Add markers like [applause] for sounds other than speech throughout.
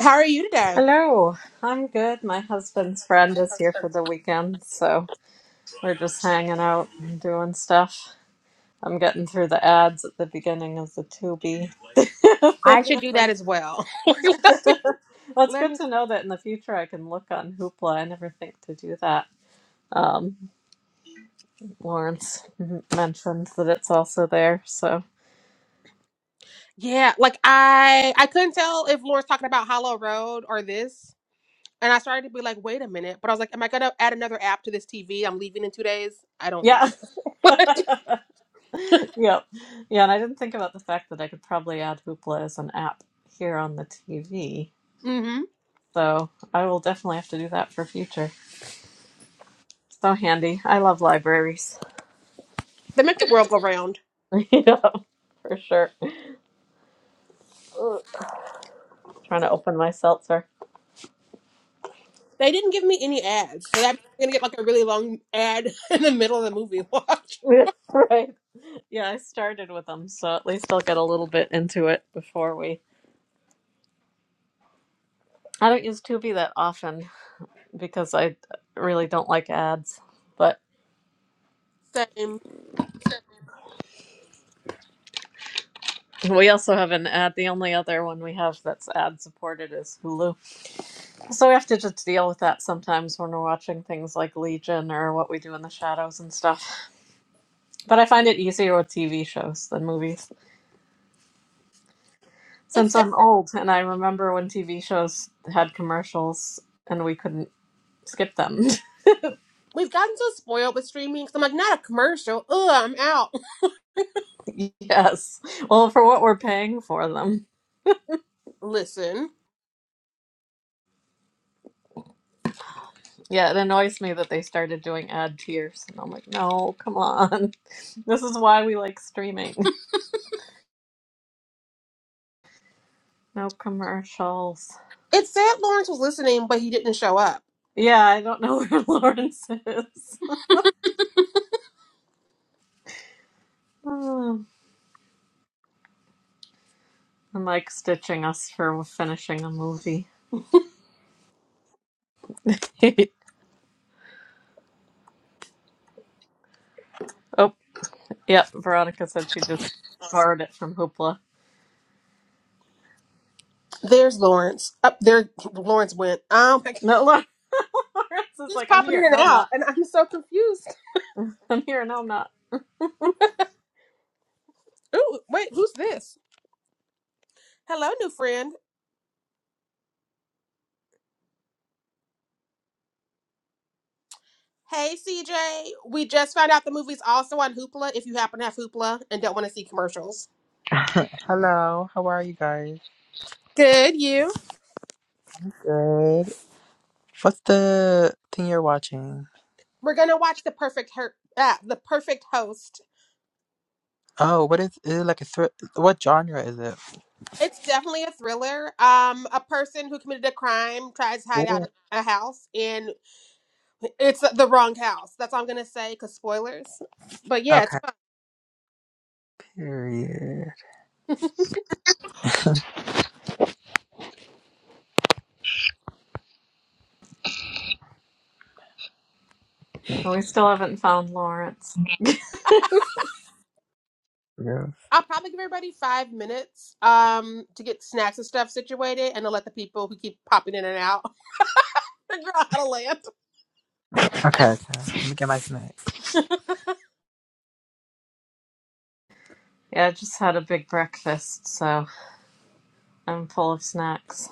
How are you today? Hello, I'm good. My husband's friend is here for the weekend, so we're just hanging out and doing stuff. I'm getting through the ads at the beginning of the Tubi [laughs] I should do that thing. as well. So- [laughs] well, [laughs] it's Let good me. to know that in the future I can look on Hoopla. I never think to do that. Um, Lawrence m- mentioned that it's also there, so Yeah, like I I couldn't tell if Lauren's talking about Hollow Road or this, and I started to be like, wait a minute. But I was like, am I gonna add another app to this TV? I'm leaving in two days. I don't think yeah, so. [laughs] [laughs] yep, yeah. And I didn't think about the fact that I could probably add Hoopla as an app here on the TV. mm-hmm. So I will definitely have to do that for future. So handy. I love libraries. They make the world go round. [laughs] you know, for sure. Ugh. Trying to open my seltzer. They didn't give me any ads, so that's gonna get like a really long ad [laughs] in the middle of the movie. [laughs] Watch. [laughs] right. Yeah, I started with them, so at least I'll get a little bit into it before we. I don't use Tubi that often because I really don't like ads. But Same. we also have an ad. The only other one we have that's ad supported is Hulu. So we have to just deal with that sometimes when we're watching things like Legion or What We Do in the Shadows and stuff. But I find it easier with TV shows than movies. It's Since sad. I'm old and I remember when TV shows had commercials and we couldn't skip them. we've gotten so spoiled with streaming. i I'm like, not a commercial. Ugh, I'm out. [laughs] yes. Well, for what we're paying for them. [laughs] Listen, Yeah, it annoys me that they started doing ad tiers. And I'm like, no, come on. [laughs] This is why we like streaming. No commercials. it's sad Lawrence was listening, but he didn't show up. Yeah, I don't know [laughs] where Lawrence is. [sighs] Hmm. I'm like stitching us for finishing a movie. [laughs] Oh. Yep, Veronica said she just borrowed it from Hoopla. There's Lawrence. Up there, Lawrence went. Oh my god, No, [laughs] Lawrence is he's like, I'm popping in here. and No, I'm out, not. and I'm so confused. [laughs] I'm here. No, I'm not. Ooh, wait, who's this? Hello, new friend. Hey, CJ. We just found out the movie's also on Hoopla. If you happen to have Hoopla and don't want to see commercials, Hello, how are you guys? good you. Good. What's the thing you're watching? We're gonna watch the perfect her- Ah, the perfect host. Oh, what is, is it like a thr- what genre is it? It's definitely a thriller. Um, a person who committed a crime tries to hide Ooh. out in a house, and it's the wrong house. That's all I'm gonna say, cause spoilers. But yeah, it's Okay. fun. Period. And we still haven't found Lawrence. [laughs] yeah, Yeah. I'll probably give everybody five minutes um to get snacks and stuff situated, and to let the people who keep popping in and out [laughs] figure out how to land. Okay, okay. Let me get my snack. I just had a big breakfast, so I'm full of snacks.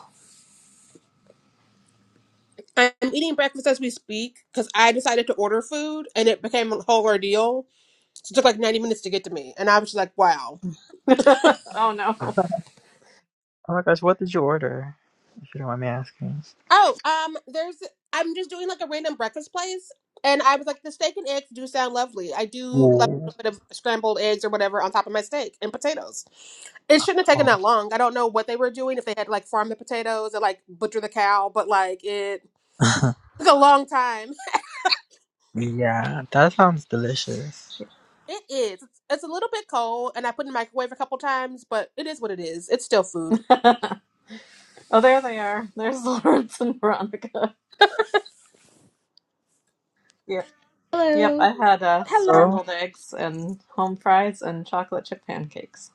I'm eating breakfast as we speak because I decided to order food, and it became a whole ordeal. So it took like 90 minutes to get to me, and I was just like, wow. [laughs] oh [laughs] no. Oh my gosh, what did you order? If you don't mind me asking. Oh, um, there's I'm just doing like a random breakfast place, and I was like, the steak and eggs do sound lovely. I do love Ooh. a little bit of scrambled eggs or whatever on top of my steak and potatoes. It shouldn't have taken that long. I don't know what they were doing if they had like farm the potatoes or like butcher the cow, but like it Oh. took a long time. [laughs] [laughs] yeah, that sounds delicious. It is. It's it's a little bit cold, and I put it in the microwave a couple times, but it is what it is. It's still food. [laughs] oh, there they are. There's [laughs] Lawrence and Veronica. Yep. Yep, Hello. I had uh, Hello. Oh. scrambled eggs and home fries and chocolate chip pancakes.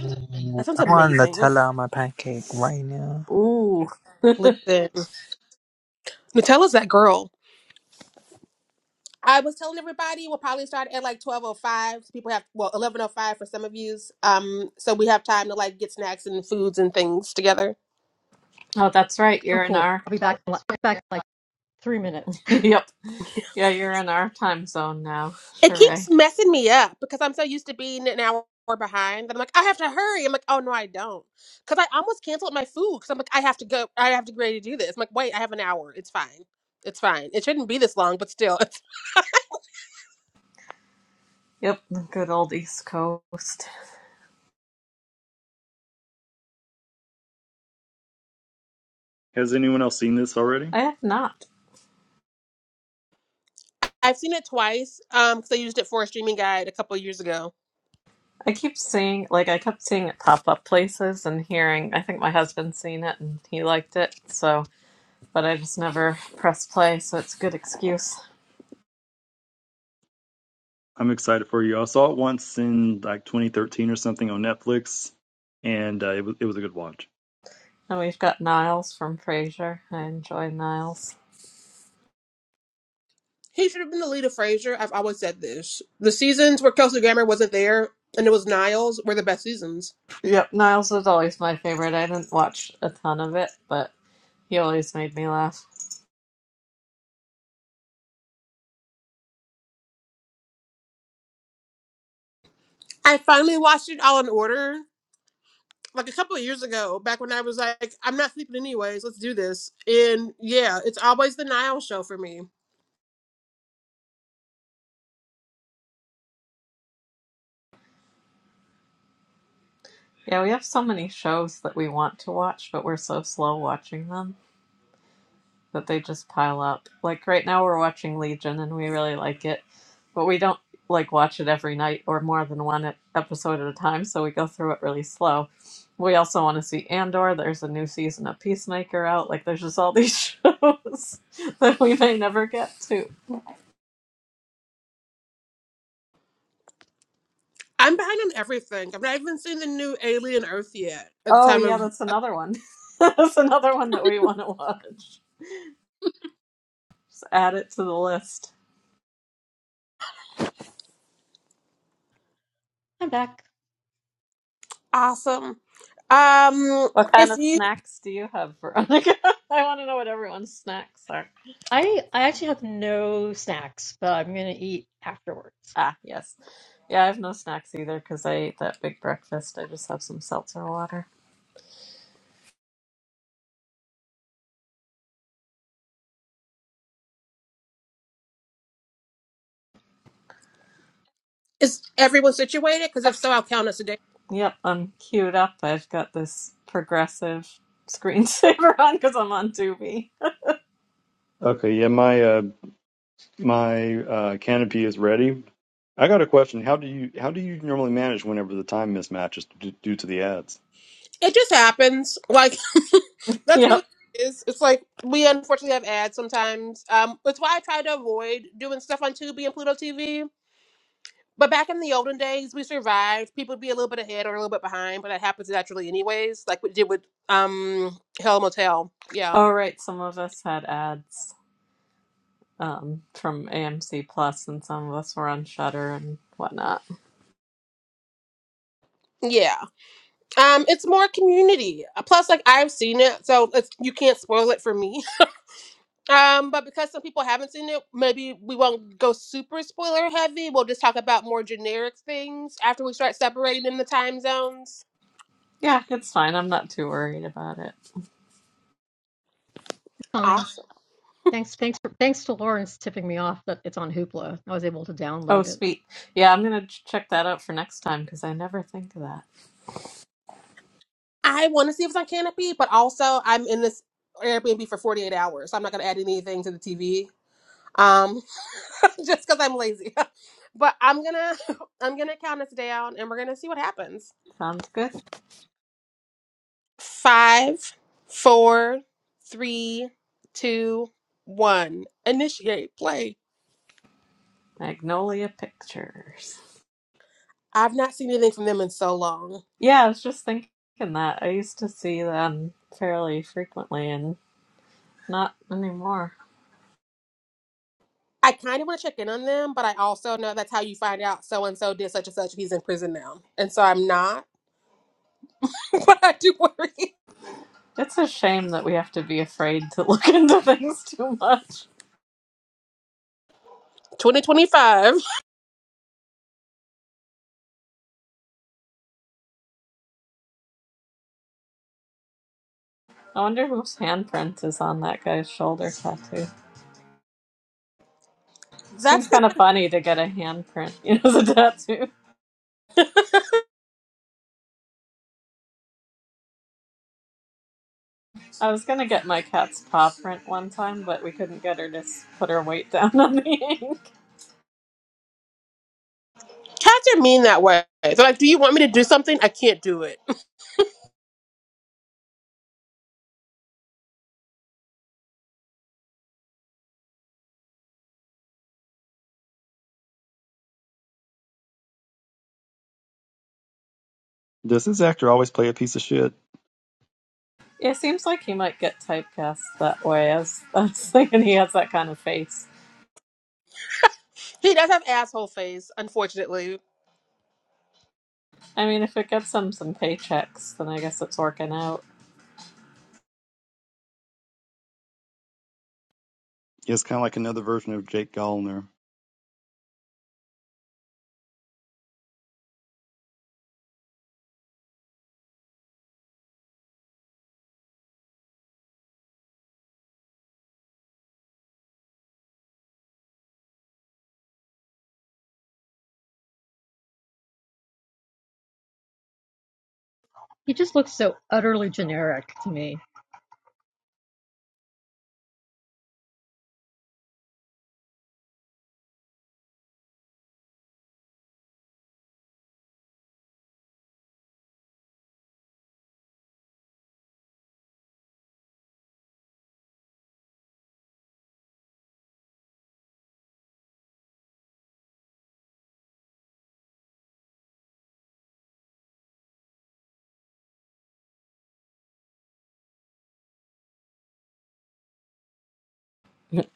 Mm, That sounds I want amazing. Nutella on my pancake right now. Ooh. [laughs] oh, Listen, Nutella's that girl. I was telling everybody we'll probably start at like twelve oh five. People have well eleven oh five for some of yous. Um, so we have time to like get snacks and foods and things together. that's right. Oh, You're in cool. our. I'll be back. in Back in like three minutes. [laughs] Yep. Yeah, you're in our time zone now. It keeps Hooray. messing me up because I'm so used to being an hour behind that I'm like I have to hurry. I'm like oh no I don't because I almost canceled my food because I'm like I have to go. I have to go ready to do this. I'm like wait I have an hour. It's fine. It's fine. It shouldn't be this long, but still, [laughs] it's Yep, the good old East Coast. Has anyone else seen this already? I have not. I've seen it twice. Um, because I used it for a streaming guide a couple of years ago I keep seeing, like, I kept seeing it pop up places and hearing. I think my husband's seen it and he liked it, so, but I just never press play, so it's a good excuse. I'm excited for you. I saw it once in like 2013 or something on Netflix, and uh, it was it was a good watch. And we've got Niles from Frasier. I enjoy Niles. He should have been the lead of Frasier. I've always said this. The seasons where Kelsey Grammer wasn't there and it was Niles were the best seasons. Yep, Niles was always my favorite. I didn't watch a ton of it, but he always made me laugh. I finally watched it all in order like a couple of years ago, back when I was like, I'm not sleeping anyways, let's do this. And yeah, it's always the Niles show for me. Yeah, we have so many shows that we want to watch, but we're so slow watching them that they just pile up. Like right now, we're watching Legion and we really like it, but we don't like watch it every night or more than one e- episode at a time, so we go through it really slow. We also want to see Andor. There's a new season of Peacemaker out. Like, there's just all these [laughs] shows that we may never get to. I'm behind on everything. I've not even seen the new Alien Earth yet at the Oh, time yeah, of. that's another one. [laughs] that's another one that we want to watch. Just add it to the list. I'm back. Awesome. Um, What kind if of you. snacks do you have, Veronica? [laughs] I want to know what everyone's snacks are. I I actually have no snacks, but I'm gonna eat afterwards. Ah, yes. Yeah, I have no snacks either because I ate that big breakfast. I just have some seltzer water. Is everyone situated? Because if so, I'll count us a day. Yep, I'm queued up. I've got this progressive screensaver [laughs] on because I'm on Tubi. Okay, yeah, my uh, my uh, canopy is ready. I got a question. How do you how do you normally manage whenever the time mismatches d- due to the ads? It just happens. Like [laughs] that's really Yep. what it is. It's like we unfortunately have ads sometimes. Um, that's why I try to avoid doing stuff on Tubi and Pluto TV. But back in the olden days, we survived. People would be a little bit ahead or a little bit behind, but that happens naturally anyways. Like we did with um Hell Motel. Yeah. All right, some of us had ads um, from AMC Plus and some of us were on Shutter and whatnot. Yeah. Um, it's more community. Uh, Plus, like I've seen it, so it's you can't spoil it for me Um, but because some people haven't seen it, maybe we won't go super spoiler heavy. We'll just talk about more generic things after we start separating in the time zones. Yeah, it's fine. I'm not too worried about it. Fine. Awesome. Thanks. Thanks for thanks to Lawrence tipping me off that it's on Hoopla. I was able to Oh, download it. sweet. Yeah, I'm gonna ch- check that out for next time because I never think of that. I want to see if it's on Canopy, but also I'm in this Airbnb for 48 hours, so I'm not going to add anything to the TV. Um, [laughs] just because I'm lazy. [laughs] but I'm gonna [laughs] I'm gonna count us down, and we're gonna see what happens. Sounds good. Five, four, three, two, one. Initiate play. Magnolia Pictures. I've not seen anything from them in so long. Yeah, I was just thinking that. I used to see them fairly frequently and not anymore. I kind of want to check in on them, but I also know that's how you find out so and so did such and such. He's in prison now, and so I'm not. [laughs] but I do worry. It's a shame that we have to be afraid to look [laughs] into things too much. 2025. I wonder whose handprint is on that guy's shoulder tattoo. Seems That's kind of funny to get a handprint, [laughs] you know, as a tattoo. the. [laughs] I was gonna get my cat's paw print one time, but we couldn't get her to s- put her weight down [laughs] on the ink. Cats are mean that way. They're like, do you want me to do something? I can't do it. [laughs] Does this actor always play a piece of shit? Yeah, it seems like he might get typecast that way. I was, I was thinking [laughs] he has that kind of face. He does have asshole face, unfortunately. I mean, if it gets him some paychecks, then I guess it's working out. It's kind of like another version of Jake Gyllenhaal. He just looks so utterly generic to me.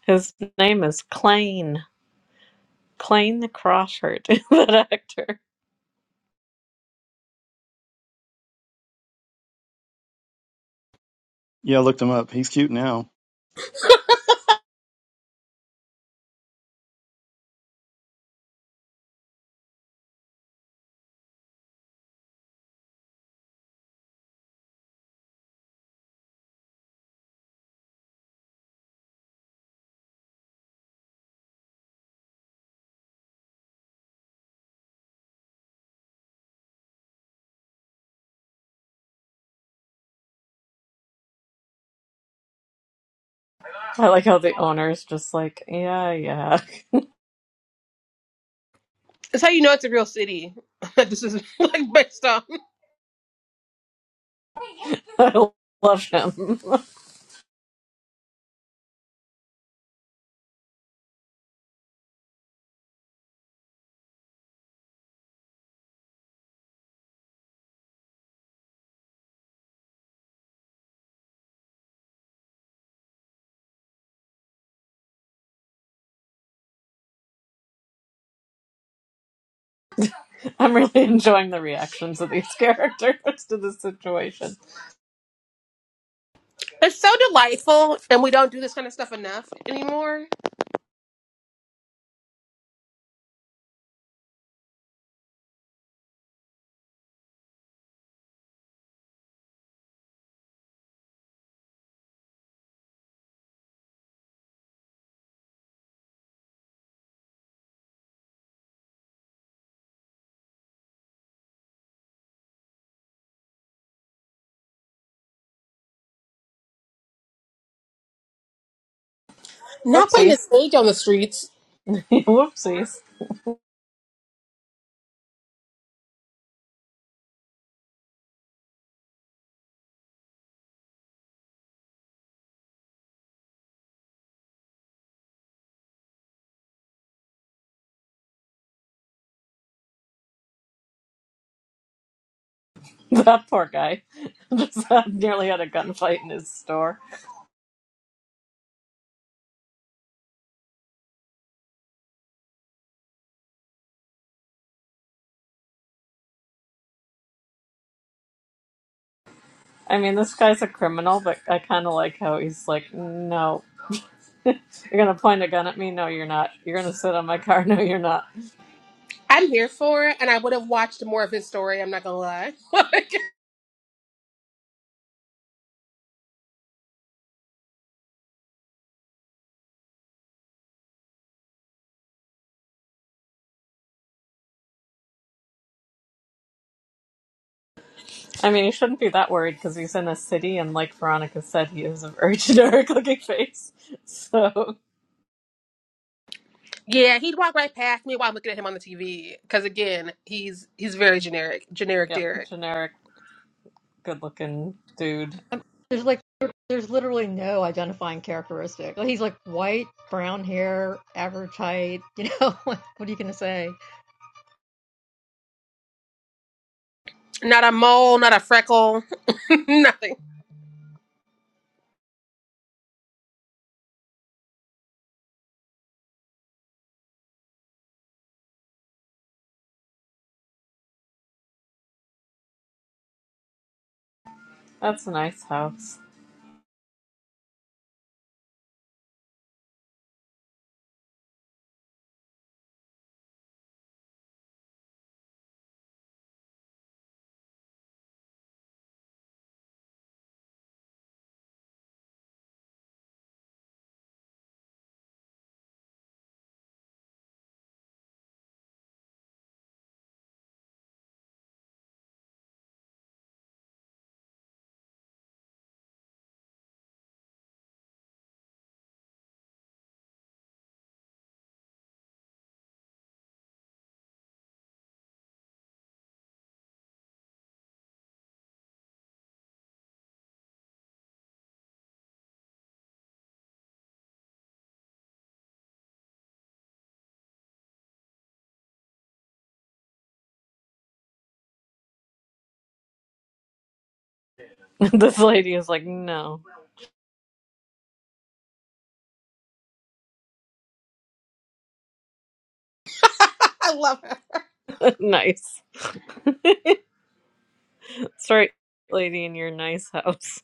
His name is Clayne. Clayne the Crawford, [laughs] that actor. Yeah, I looked him up. He's cute now. I like how the owner's just like, yeah, yeah. That's how you know it's a real city. [laughs] That this is like based on. [laughs] I love him. [laughs] I'm really enjoying the reactions of these characters [laughs] to this situation. It's so delightful, and we don't do this kind of stuff enough anymore. Not putting his Whoopsies. age on the streets. [laughs] Whoopsies. That poor guy [laughs] just had, nearly had a gunfight in his store. I mean, this guy's a criminal, but I kind of like how he's like, no, [laughs] you're gonna point a gun at me? No, you're not. You're gonna sit on my car? [laughs] No, you're not. I'm here for it, and I would have watched more of his story. I'm not gonna lie. [laughs] Like, I mean, he shouldn't be that worried because he's in a city, and like Veronica said, he is a very [laughs] generic looking face. So, yeah, he'd walk right past me while I'm looking at him on the TV. Because again, he's he's very generic, generic yep, Derek. generic, good looking dude. I'm, there's like there's literally no identifying characteristic. Like, he's like white, brown hair, average height. You know, [laughs] what are you gonna say? Not a mole, not a freckle, [laughs] nothing. That's a nice house. [laughs] this lady is like, no, I love him. [laughs] nice. That's right, lady, in your nice house.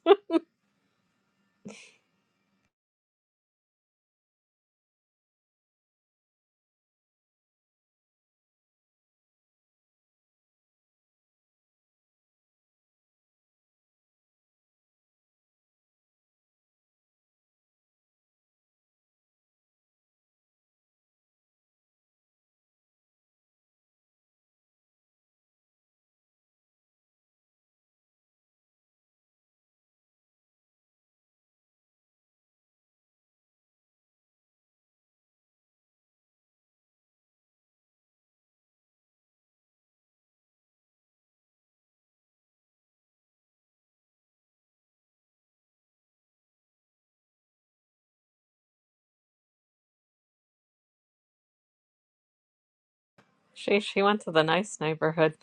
[laughs] she she went to the nice neighborhood.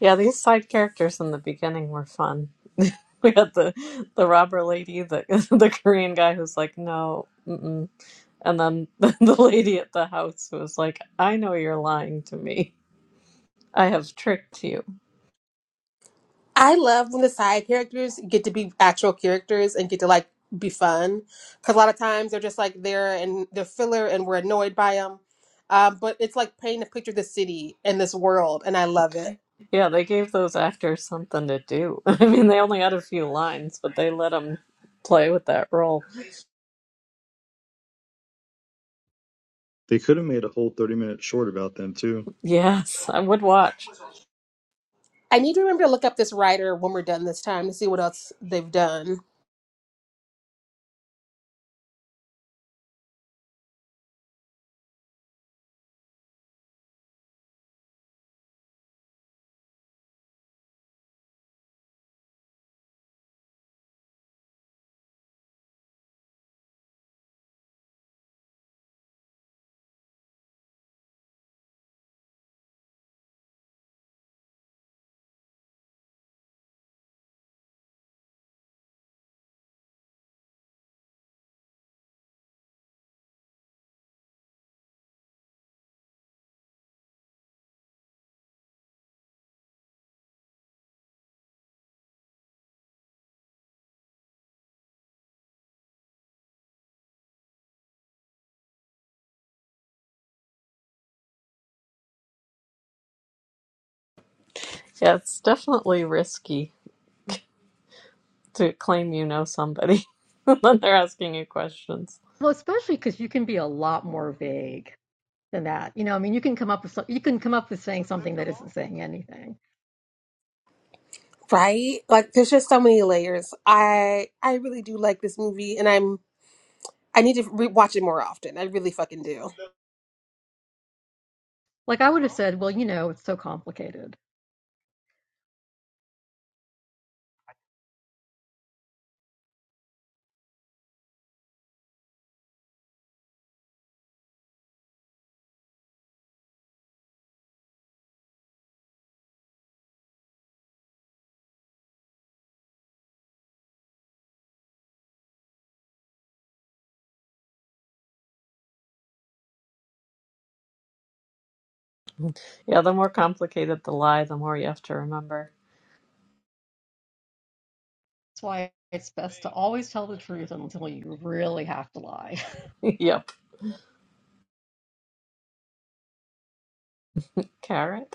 Yeah, these side characters in the beginning were fun. [laughs] We had the the robber lady, the [laughs] the Korean guy who's like, no, mm-mm. and then [laughs] the, the lady at the house who was like, I know you're lying to me. I have tricked you. I love when the side characters get to be actual characters and get to like be fun. Because a lot of times they're just like there and they're filler, and we're annoyed by them. Um, but it's like painting a picture of the city and this world, and I love it. Yeah, they gave those actors something to do. [laughs] I mean, they only had a few lines, but they let them play with that role. They could have made a whole 30 minute short about them too. Yes, I would watch. I need to remember to look up this writer when we're done this time to see what else they've done. Yeah, it's definitely risky to claim you know somebody [laughs] when they're asking you questions. Well, especially because you can be a lot more vague. than that. You know, I mean, you can come up with so- you can come up with saying something that isn't saying anything. Right? Like there's just so many layers. I I really do like this movie and I'm I need to re- watch it more often. I really fucking do. Like I would have said, well, you know, it's so complicated. Yeah, the more complicated the lie, the more you have to remember. That's why it's best to always tell the truth until you really have to lie. [laughs] Yep. Carrot?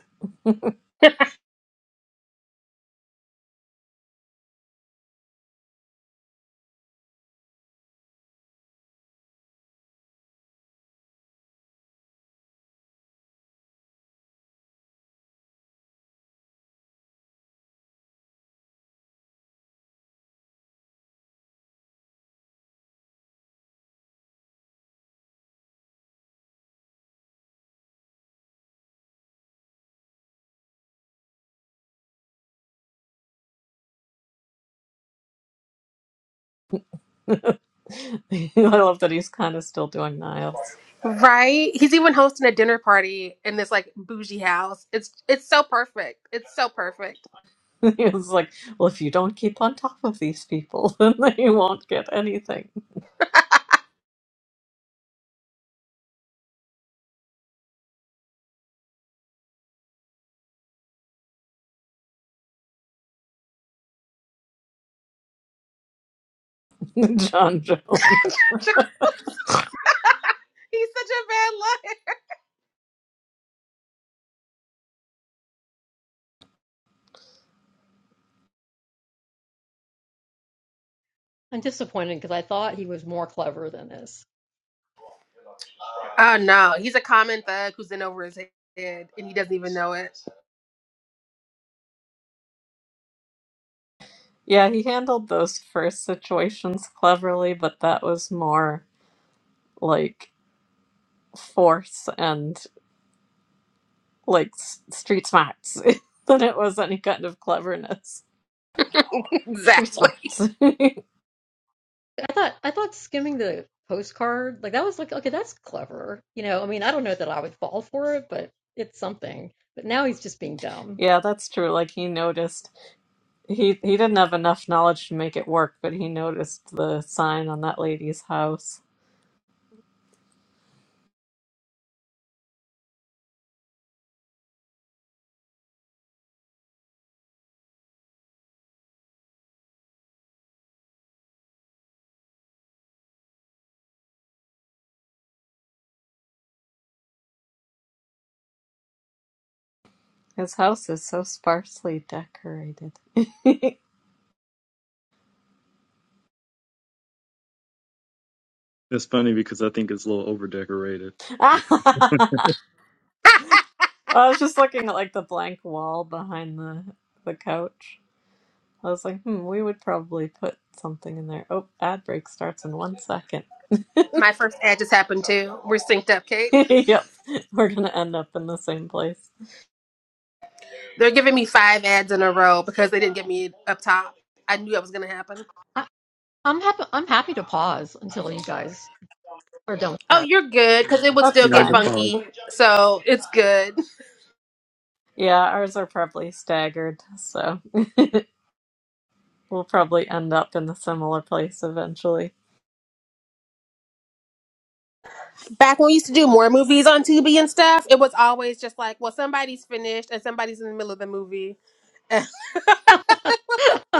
[laughs] I love that he's kind of still doing Niles. Right? He's even hosting a dinner party in this like bougie house. It's it's so perfect. It's so perfect. [laughs] He was like, "Well, if you don't keep on top of these people, [laughs] then you won't get anything." [laughs] John Jones. [laughs] he's such a bad liar. [laughs] I'm disappointed because I thought he was more clever than this. Oh no, he's a common thug who's in over his head and he doesn't even know it. Yeah, he handled those first situations cleverly, but that was more like force and like s- street smarts [laughs] than it was any kind of cleverness. [laughs] Street exactly. smarts. [laughs] I thought I thought skimming the postcard like that was like okay, that's clever. You know, I mean, I don't know that I would fall for it, but it's something. But now he's just being dumb. yeah, that's true. Like he noticed. He he didn't have enough knowledge to make it work, but he noticed the sign on that lady's house. His house is so sparsely decorated. [laughs] It's funny because I think it's a little over decorated. I was just looking at like the blank wall behind the the couch. I was like, hmm, we would probably put something in there. Oh, ad break starts in one second. My first ad just happened too. We're synced up, [laughs] Kate. yep, we're gonna end up in the same place. They're giving me five ads in a row because they didn't get me up top. I knew that was going to happen. I, I'm happy. I'm happy to pause until you guys are done Oh, with you're good because it would That's still Yeah, I get just fine. follow. funky. So it's good. Yeah, ours are probably staggered, so [laughs] we'll probably end up in a similar place eventually. Back when we used to do more movies on Tubi and stuff, it was always just like, well, somebody's finished and somebody's in the middle of the movie.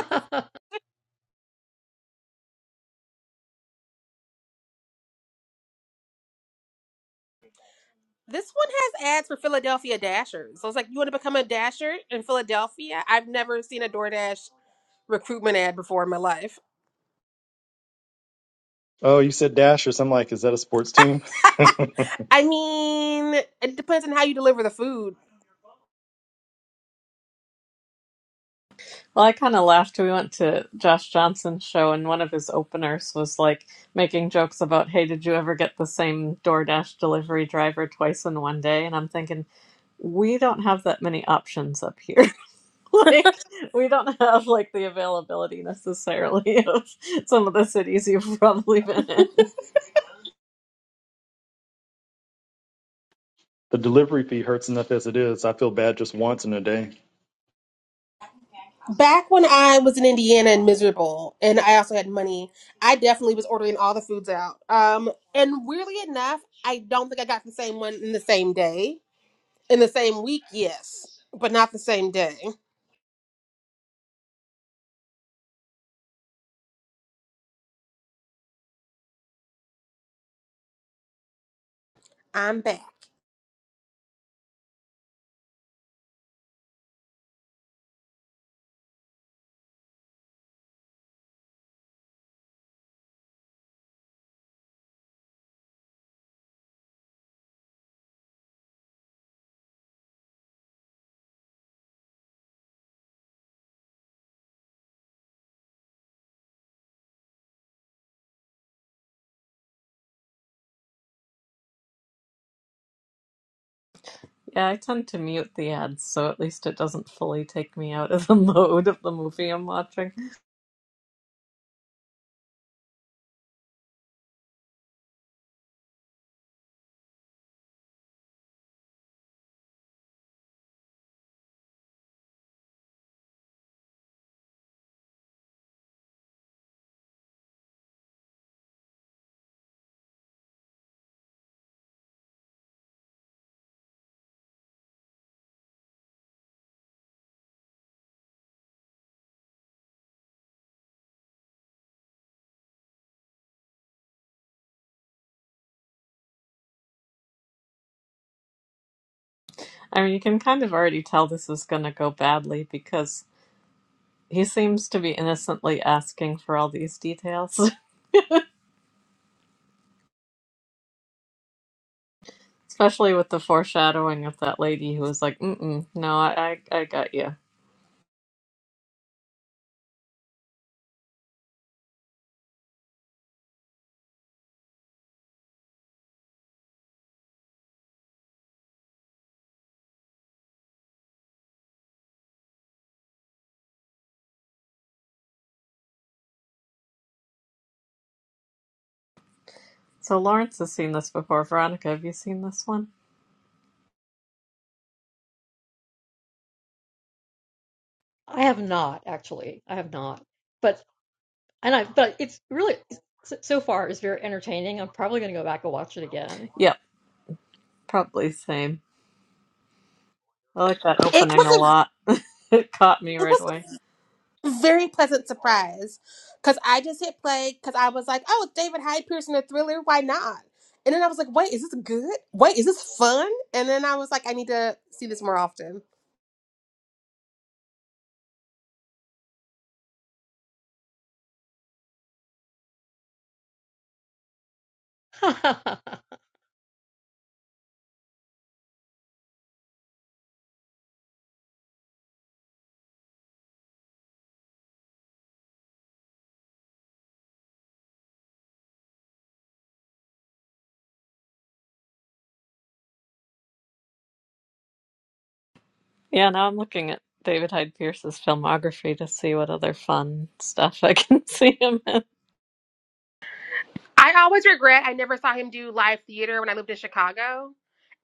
that. [laughs] [laughs] this one has ads for Philadelphia Dashers. So I was like, you want to become a Dasher in Philadelphia? I've never seen a DoorDash recruitment ad before in my life. Oh, you said Dashers. I'm like, is that a sports team? [laughs] the I mean, it depends on how you deliver the food. Well, I kind of laughed. We went to Josh Johnson's show, and one of his openers was like making jokes about, "Hey, did you ever get the same DoorDash delivery driver twice in one day?" And I'm thinking, we don't have that many options up here. [laughs] like, we don't have like the availability necessarily [laughs] of some of the cities you've probably been in. delivery fee hurts enough as it is. I feel bad just once in a day. Back when I was in Indiana and miserable, and I also had money, I definitely was ordering all the foods out. Um, and weirdly enough, I don't think I got the same one in the same day, in the same week. Yes, but not the same day. I'm back. Yeah, I tend to mute the ads, so at least it doesn't fully take me out of [laughs] the mode of the movie I'm watching. I mean, you can kind of already tell this is going to go badly because He seems to be innocently asking for all these details, [laughs] especially with the foreshadowing of that lady who was like, "Mm-mm, no, I, I, I got you." So Lawrence has seen this before. Veronica, have you seen this one? I have not actually. I have not. But and I but it's really so so far it's very entertaining. I'm probably going to go back and watch it again. Yep, probably same. I like that It opening a was a lot. [laughs] it caught me it right was away. a very pleasant surprise because I just hit play because I was like, oh, it's David Hyde Pierce in a thriller. Why not? And then I was like, wait, is this good? Wait, is this fun? And then I was like, I need to see this more often. [laughs] I Yeah, now I'm looking at David Hyde Pierce's filmography to see what other fun stuff I can [laughs] see him in. I always regret I never saw him do live theater when I lived in Chicago.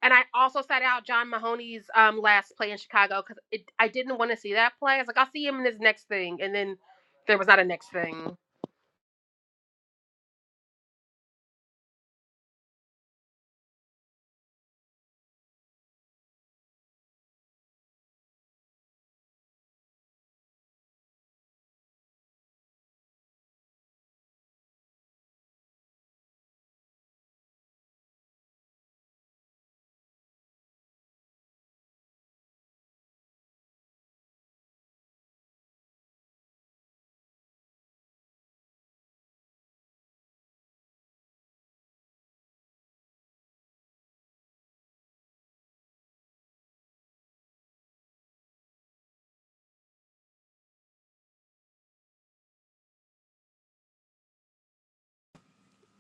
And I also sat out John Mahoney's um, last play in Chicago because I didn't want to see that play. I was like, I'll see him in his next thing. And then there was not a next thing.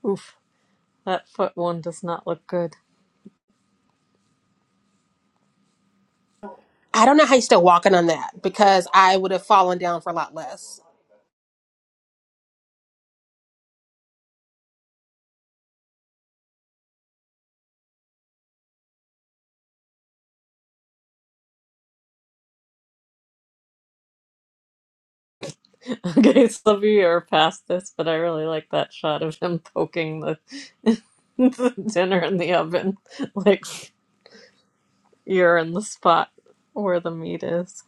Oof, that foot one does not look good. I don't know how he's still walking on that because I would have fallen down for a lot less. [laughs] Okay, some of you are past this, but I really like that shot of him poking the, [laughs] the dinner in the oven. Like you're in the spot where the meat is.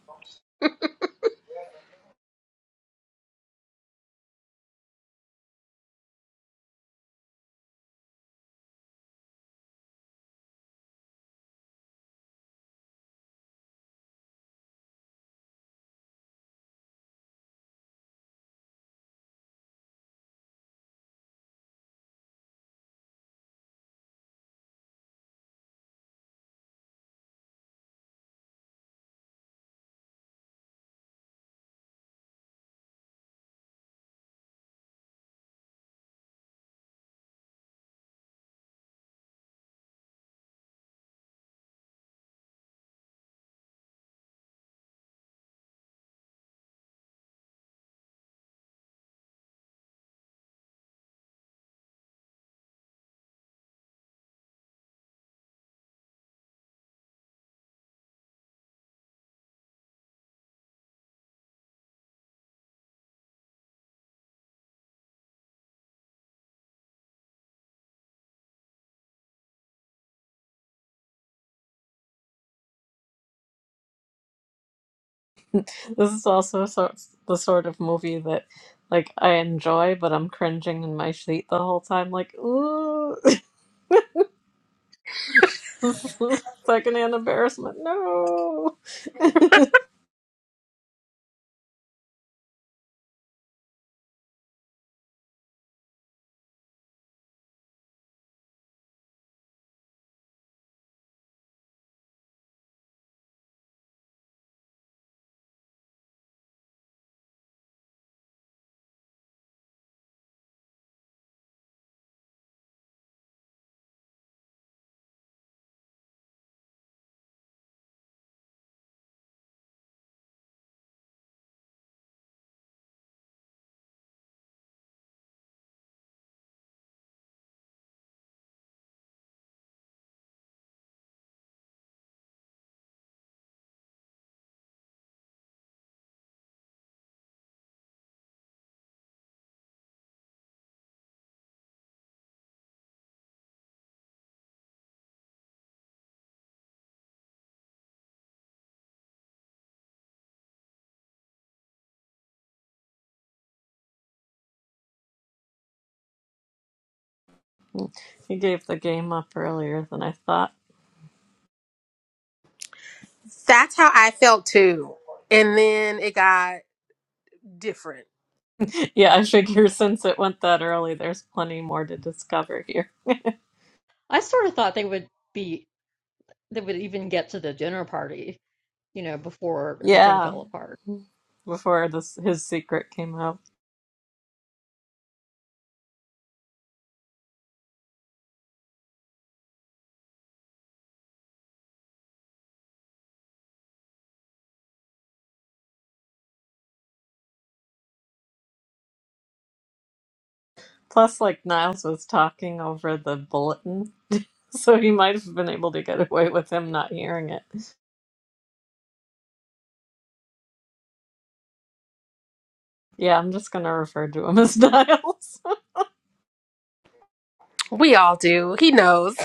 This is also so, the sort of movie that, like, I enjoy, but I'm cringing in my seat the whole time. Like, ooh, [laughs] secondhand embarrassment. No, he gave the game up earlier than I thought. That's how I felt too. And then it got different. [laughs] Yeah, I figure since it went that early, there's plenty more to discover here. sort of thought they would be they would even get to the dinner party, you know, before everything Yeah. fell apart. before this his secret came out. Plus, like Niles was talking over the bulletin, [laughs] so he might have been able to get away with him not hearing it. Yeah, I'm just gonna refer to him as [laughs] Niles. We all do. He knows.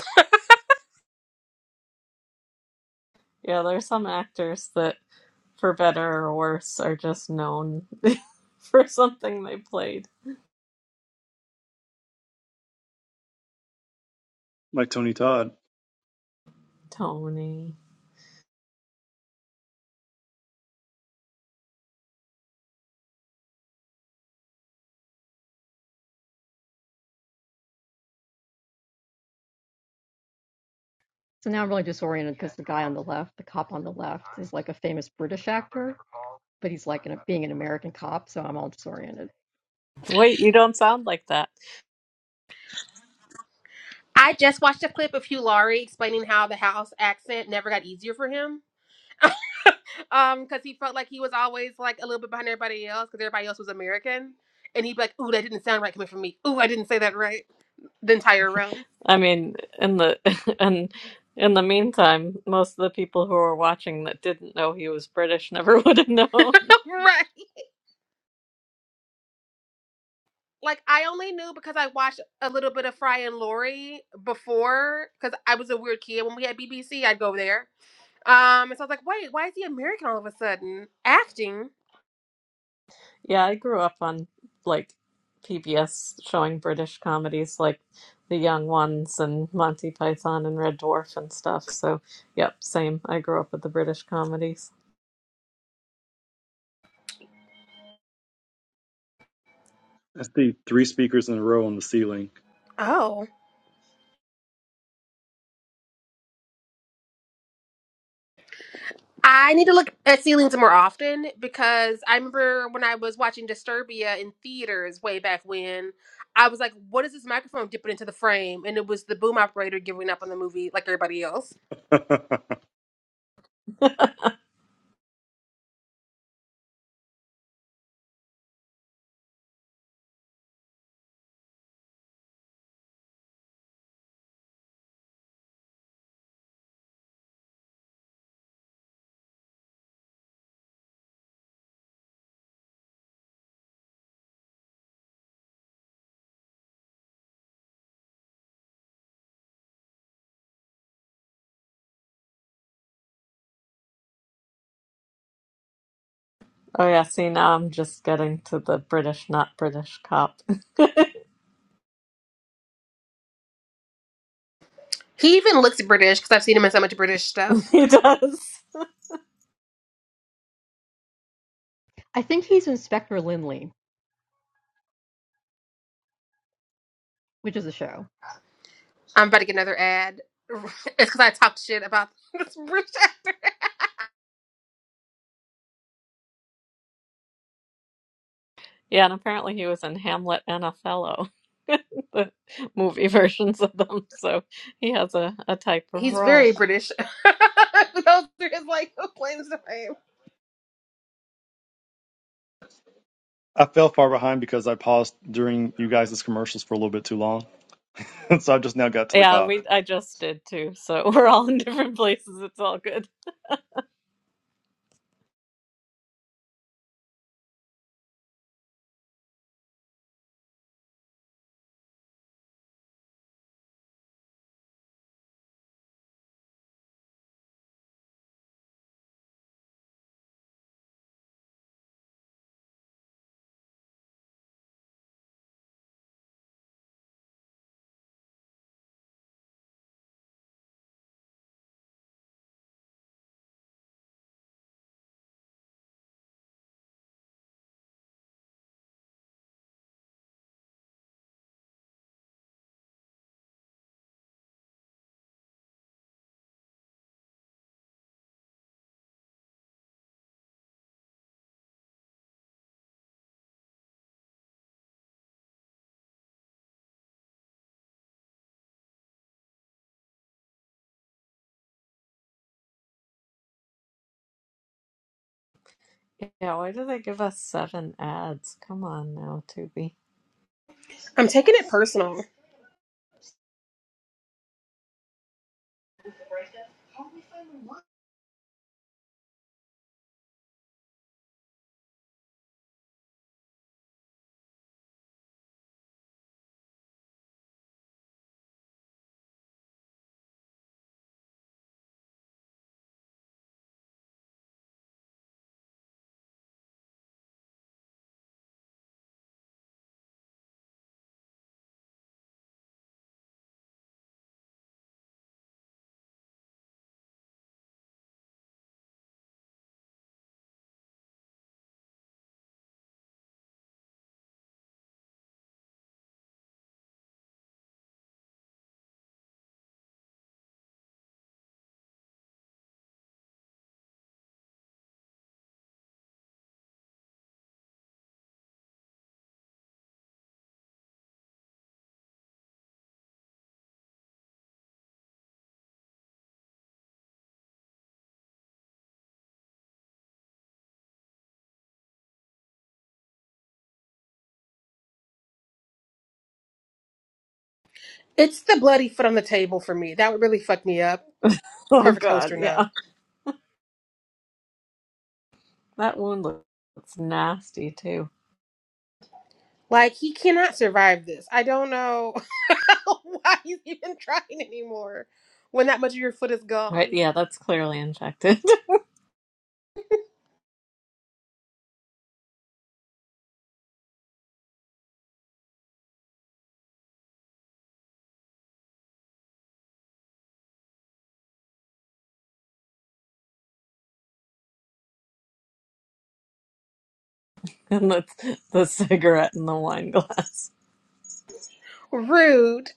yeah, there's some actors that, for better or worse, are just known [laughs] for something they played. Like Tony Todd. Tony. So now I'm really disoriented because the guy on the left, the cop on the left, is like a famous British actor, but he's like an, being an American cop, so I'm all disoriented. Wait, you don't sound like that. I just watched a clip of Hugh Laurie explaining how the house accent never got easier for him. [laughs] um, because he felt like he was always like a little bit behind everybody else because everybody else was American. And he'd be like, ooh, that didn't sound right coming from me. Ooh, I didn't say that right. The entire run. I mean, in the [laughs] and in the meantime, most of the people who were watching that didn't know he was British never [laughs] would have known. [laughs] right. Like I only knew because I watched a little bit of Fry and Laurie before, because I was a weird kid. When we had BBC, I'd go there. Um, and so I was like, wait, why is he American all of a sudden? Acting. Yeah, I grew up on like PBS showing British comedies like The Young Ones and Monty Python and Red Dwarf and stuff. So, yep, same. I grew up with the British comedies. I see three speakers in a row on the ceiling. Oh. I need to look at ceilings more often because I remember when I was watching Disturbia in theaters way back when, I was like, what is this microphone dipping into the frame? And it was the boom operator giving up on the movie like everybody else. [laughs] I [laughs] Oh yeah, see now I'm just getting to the British not British cop. He even looks British because I've seen him in so much British [laughs] stuff. he does. I think he's Inspector Lindley, which is a show. I'm about to get another ad. [laughs] It's because I talked shit about [laughs] this British actor. Yeah, and apparently he was in Hamlet and Othello. [laughs] the movie versions of them. So he has a, a type of He's role. very British. [laughs] Those are his like claims to fame. fell far behind because I paused during you guys' commercials for a little bit too long. [laughs] so I just now got to the Yeah, cop. we I just did too. So [laughs] we're all in different places. It's all good. Yeah, why did they give us seven ads? Come on now, Tubi. I'm taking it personal. It's the bloody foot on the table for me. That would really fuck me up. [laughs] Oh Perfect God, hoster, yeah, no. that wound looks nasty too. Like he cannot survive this. I don't know [laughs] why he's even trying anymore when that much of your foot is Right? gone. Yeah, that's clearly infected, [laughs] and that's the cigarette in the wine glass. Rude.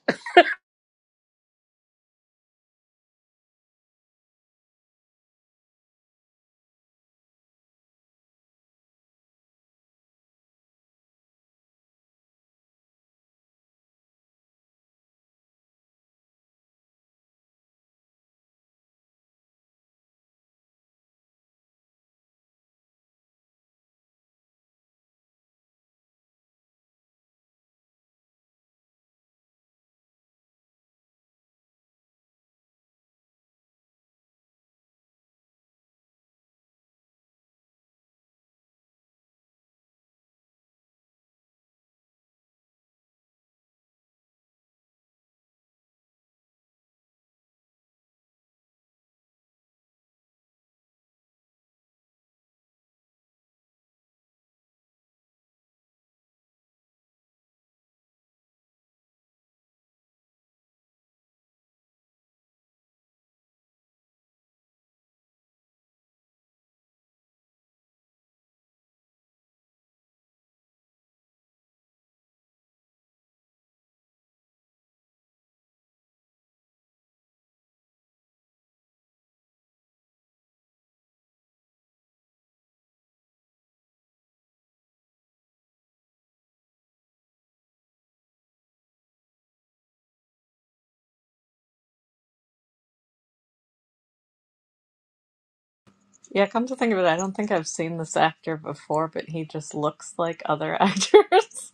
Yeah, come to think of it, I don't think I've seen this actor before, but he just looks like other [laughs] actors.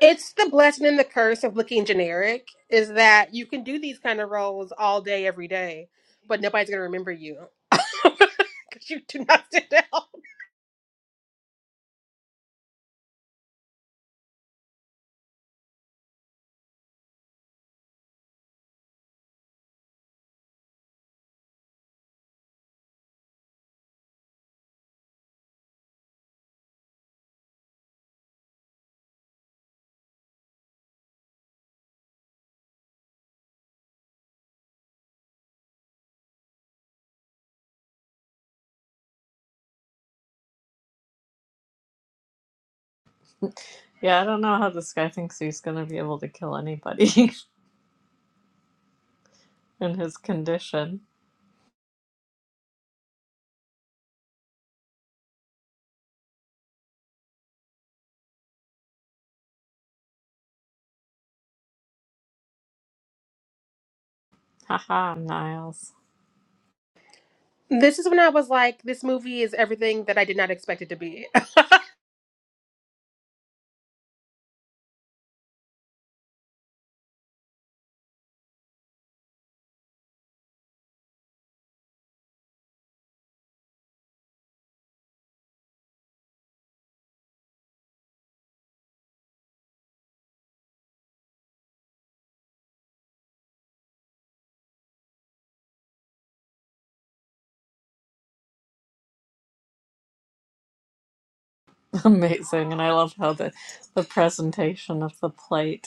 It's the blessing and the curse of looking generic is that you can do these kind of roles all day, every day, but nobody's gonna remember you. [laughs] Because you do not stand out. Yeah, I don't know how this guy thinks he's gonna be able to kill anybody [laughs] in his condition. Haha, Niles. This is when I was like, this movie is everything that I did not expect it to be. [laughs] Amazing, and I love how the the presentation of the plate.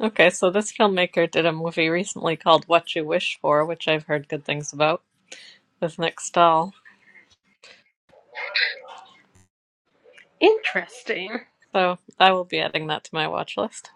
Okay, so this filmmaker did a movie recently called What You Wish For, which I've heard good things about, with Nick Stahl. [laughs] Interesting. So I will be adding that to my watch list.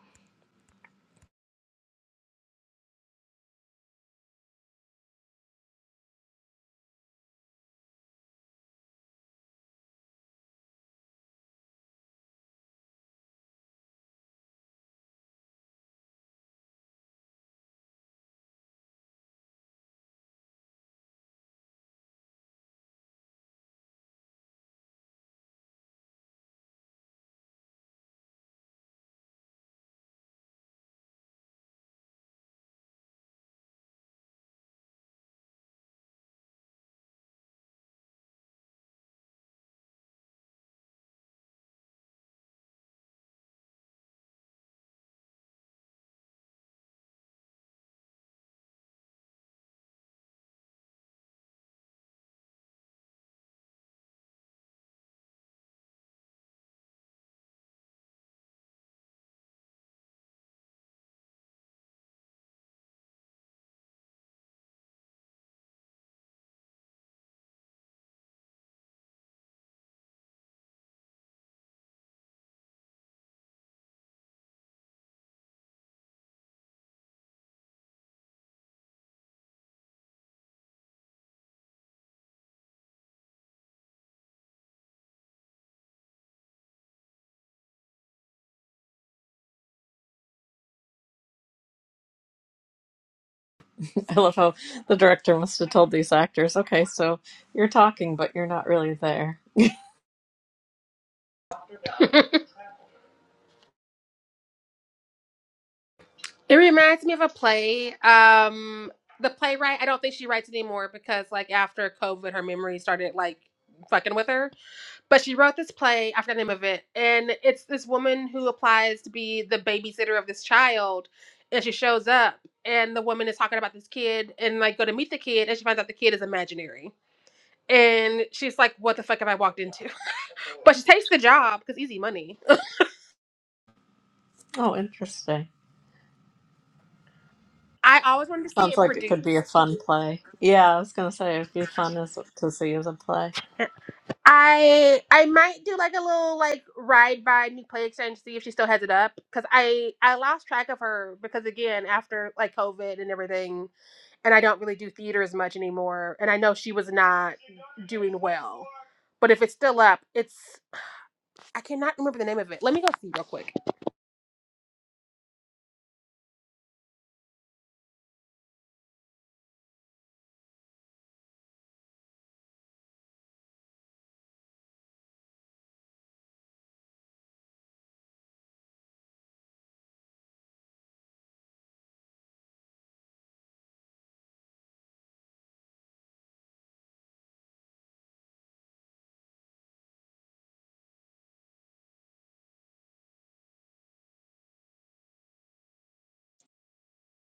[laughs] I love how the director must have told these actors, okay, so you're talking, but you're not really there. It reminds me of a play. Um, the playwright, I don't think she writes anymore because, like, after COVID, her memory started like fucking with her. But she wrote this play. I forgot the name of it, and it's this woman who applies to be the babysitter of this child, and she shows up, and the woman is talking about this kid, and like go to meet the kid, and she finds out the kid is imaginary, and she's like, "What the fuck have I walked into?" [laughs] But she takes the job because easy money. Oh, interesting. I always wanted to see Sounds it like it could be produced. a fun play. Yeah, I was going to say it'd be fun as, to see as a play. I I might do like a little like ride by New Play Exchange see if she still has it up because I I lost track of her because again after like COVID and everything and I don't really do theater as much anymore and I know she was not doing well but if it's still up it's I cannot remember the name of it let me go see real quick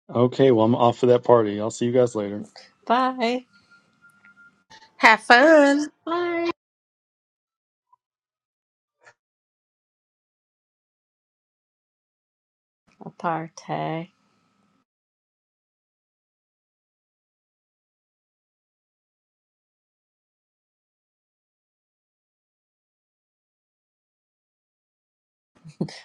Okay, well, I'm off for that party. I'll see you guys later. Bye. have fun Hi. a Aparte.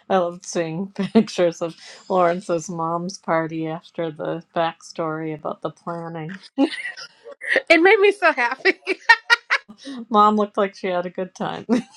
I loved seeing [laughs] pictures of Lawrence's mom's party after the backstory about the planning. It made me so happy. Mom looked like she had a good time. [laughs]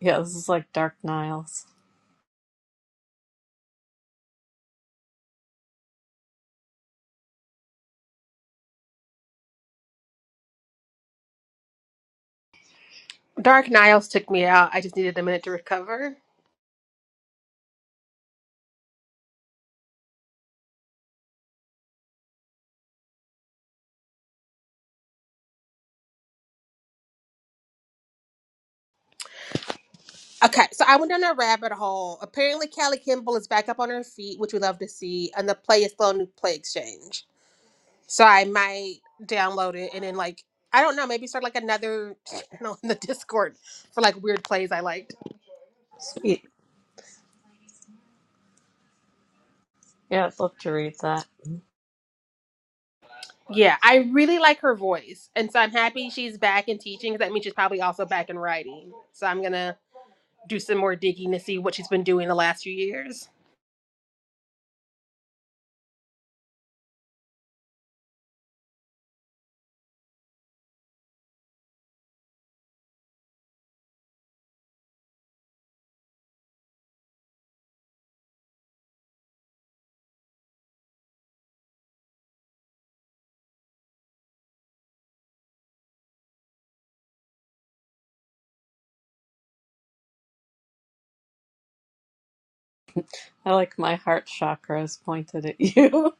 yeah, this is like Dark Niles. [laughs] Dark Niles took me out. I just needed a minute to recover. Okay, so I went down a rabbit hole. Apparently, Callie Kimball is back up on her feet, which we love to see, and the play is still a new play exchange. So I might download it and then, like, I don't know, maybe start like another channel [laughs] in the Discord for like weird plays I liked. Sweet. Yeah, I'd love to read that. Yeah, I really like her voice, and so I'm happy she's back in teaching. 'cause That means she's probably also back in writing. So I'm gonna do some more digging to see what she's been doing the last few years. I like my heart chakra is pointed at you.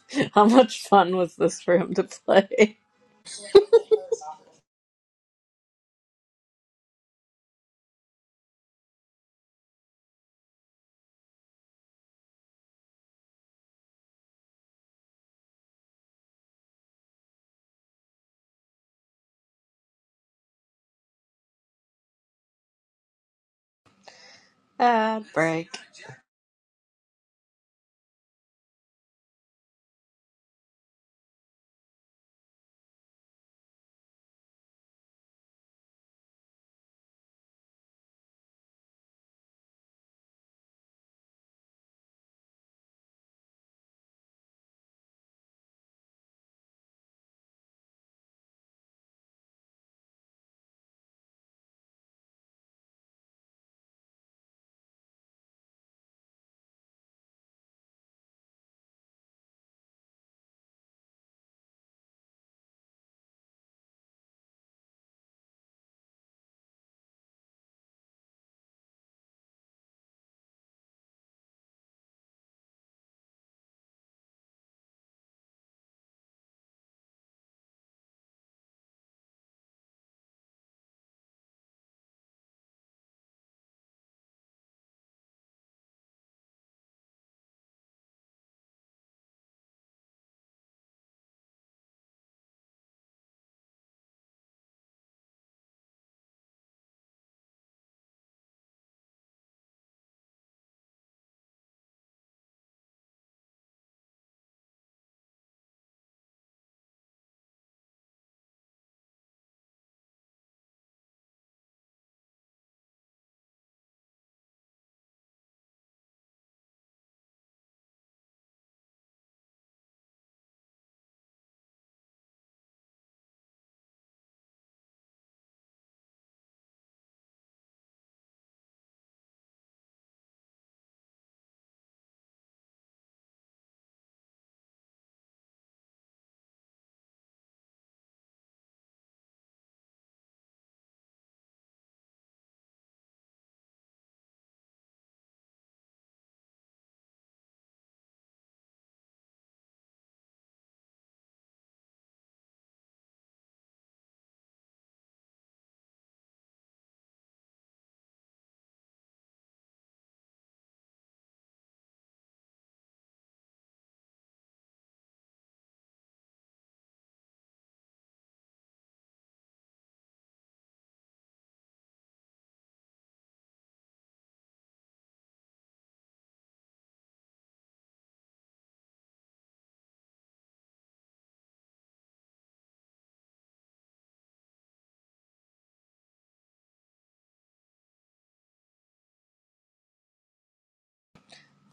[laughs] How much fun was this room to play? [laughs] Ad break.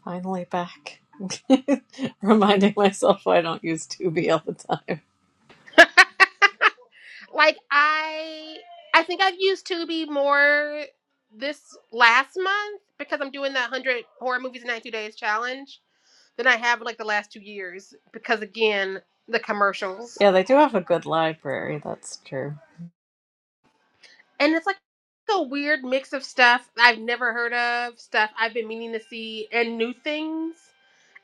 Finally back. [laughs] Reminding myself I don't use Tubi all the time. [laughs] Like I I think I've used Tubi more this last month because I'm doing the 100 horror movies in 90 days challenge than I have like the last 2 years because again, the commercials. Yeah, they do have a good library, that's true. And it's like a weird mix of stuff I've never heard of, stuff I've been meaning to see and new things.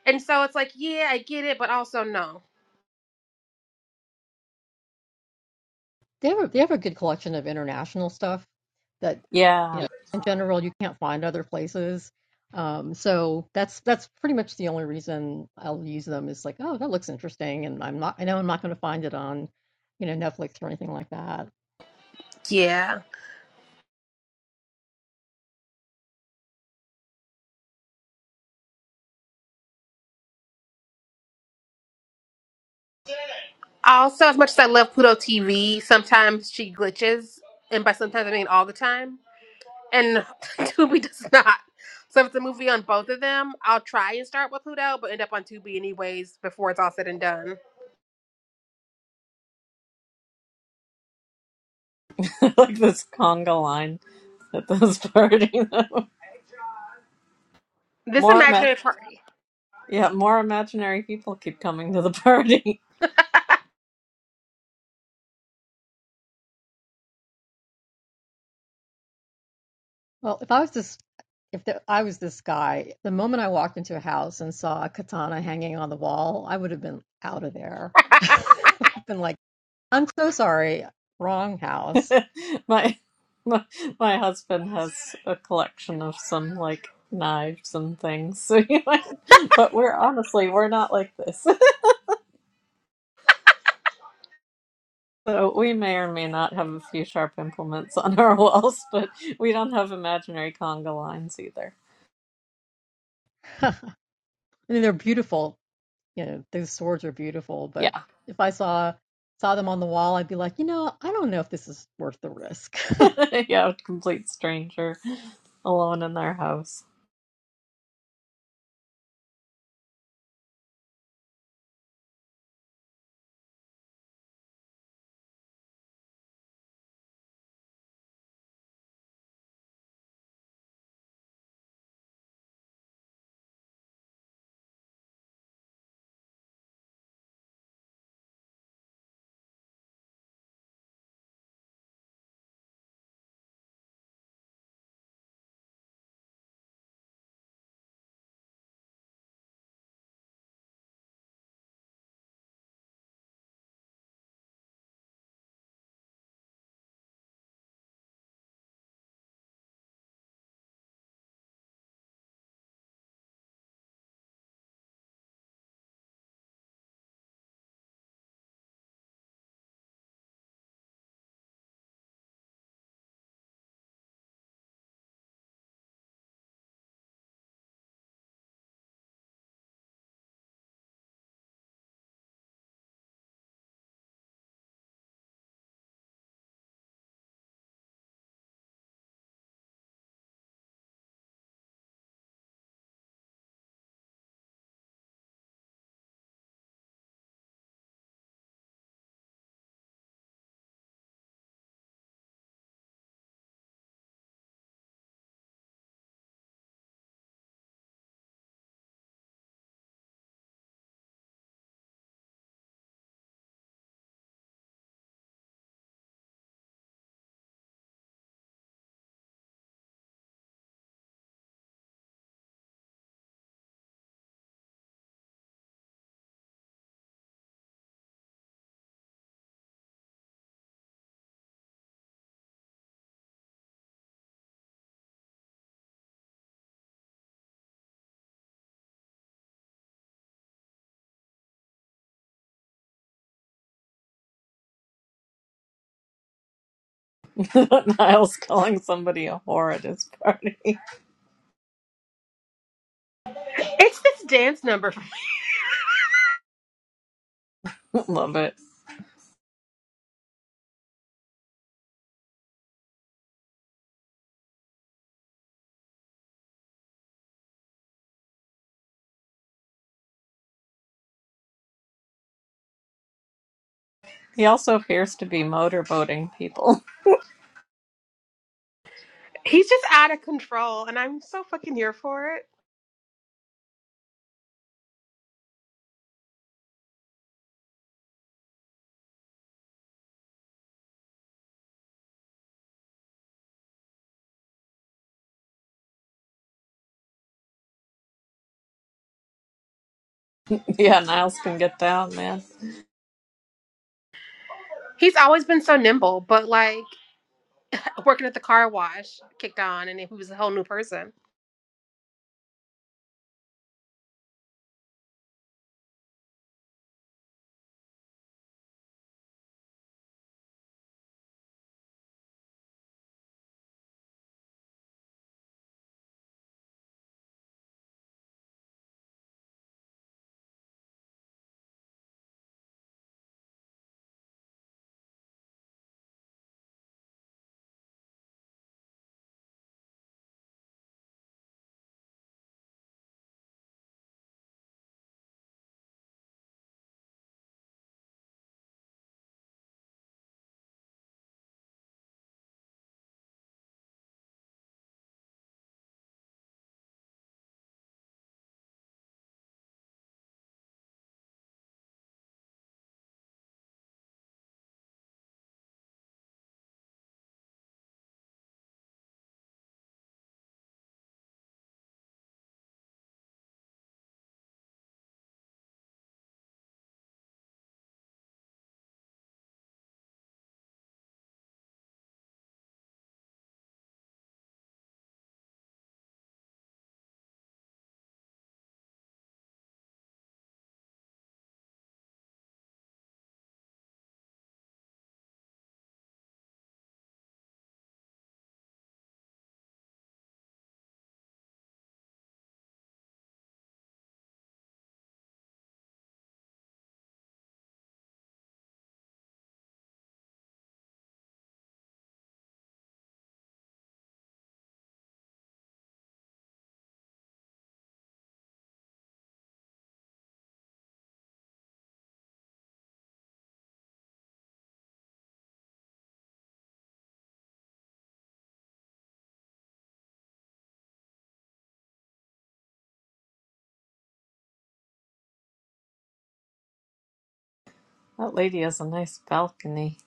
And so it's like, yeah, I get it, but also no. They have a, they have a good collection of international stuff that you Yeah, know in general you can't find other places. Um, so that's that's pretty much the only reason I'll use them is like, oh, that looks interesting, and I'm not I know I'm not going to find it on you know Netflix or anything like that. Yeah. Also, as much as I love Pluto TV, sometimes she glitches, and by sometimes I mean all the time. and [laughs] Tubi does not. So if it's a movie on both of them, I'll try and start with Pluto, but end up on Tubi anyways before it's all said and done. [laughs] like this conga line at this party. [laughs] This More, ima- imaginary party. yeah, more imaginary people keep coming to the [laughs] party. Well, if I was this, if the, I was this guy, the moment I walked into a house and saw a katana hanging on the wall, I would have been out of there. [laughs] [laughs] I would have been like, "I'm so sorry, wrong [laughs] house." my my my husband has a collection of some like knives and things so [laughs] you might but we're honestly we're not like this [laughs] so we may or may not have a few sharp implements on our [laughs] walls but we don't have imaginary conga lines either [laughs] I mean, they're beautiful. You know, those swords are beautiful, but yeah if I saw saw them on the wall, I'd be like, you know, I don't know if this is worth the risk. [laughs] yeah a complete stranger alone in their house [laughs] niles calling somebody a whore at his party it's this dance number. [laughs] love it he also appears to be motorboating people He's just out of control, and I'm so fucking here for it. [laughs] yeah niles can get down man He's always been so nimble, but like working at the car wash kicked on, and he was a whole new person. That lady has a nice balcony.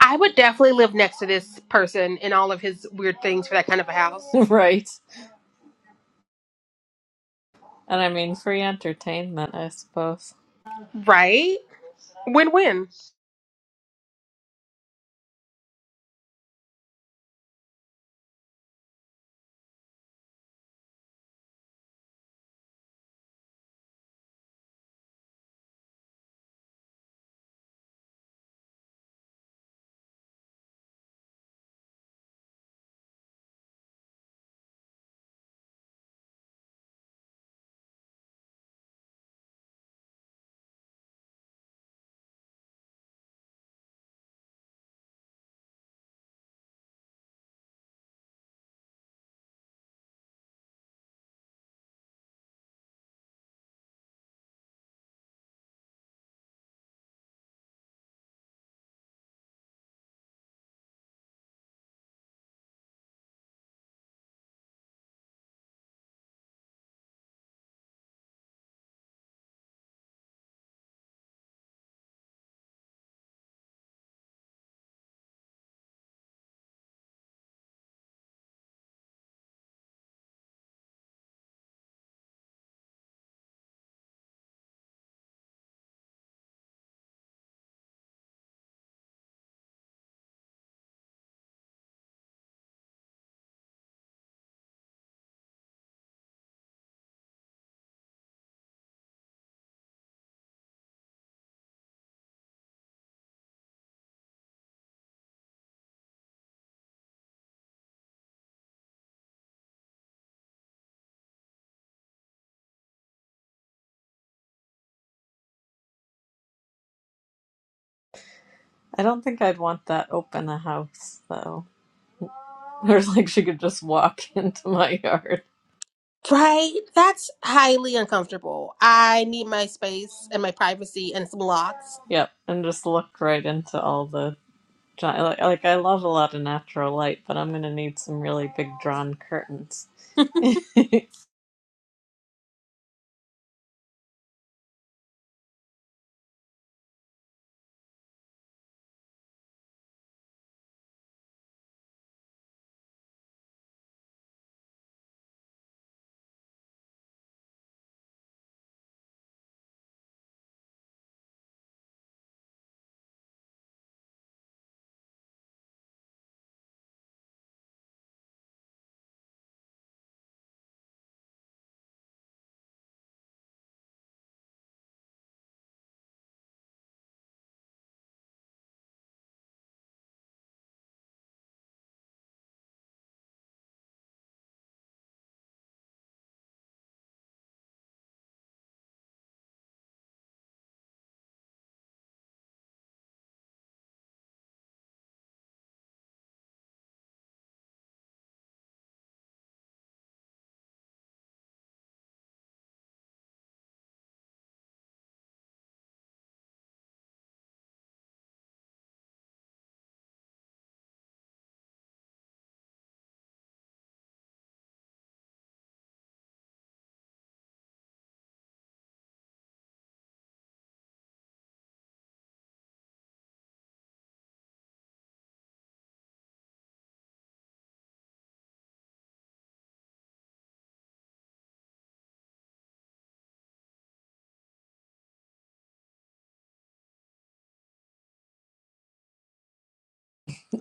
I would definitely live next to this person and all of his weird things for that kind of a house. [laughs] right. And I mean, free entertainment, I suppose. Right? Win win. I don't think I'd want that open a house, though. [laughs] There's like she could just walk [laughs] into my yard. Right? That's highly uncomfortable. I need my space and my privacy and some locks. Yep. And just look right into all the. giant. Like, like I love a lot of natural light, but I'm going to need some really big drawn curtains. [laughs] [laughs]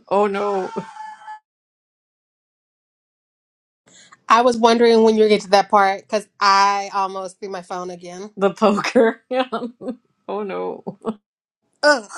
oh no. I was wondering when you get to that part because I almost threw my phone again. The poker. [laughs] Yeah. oh no. Ugh.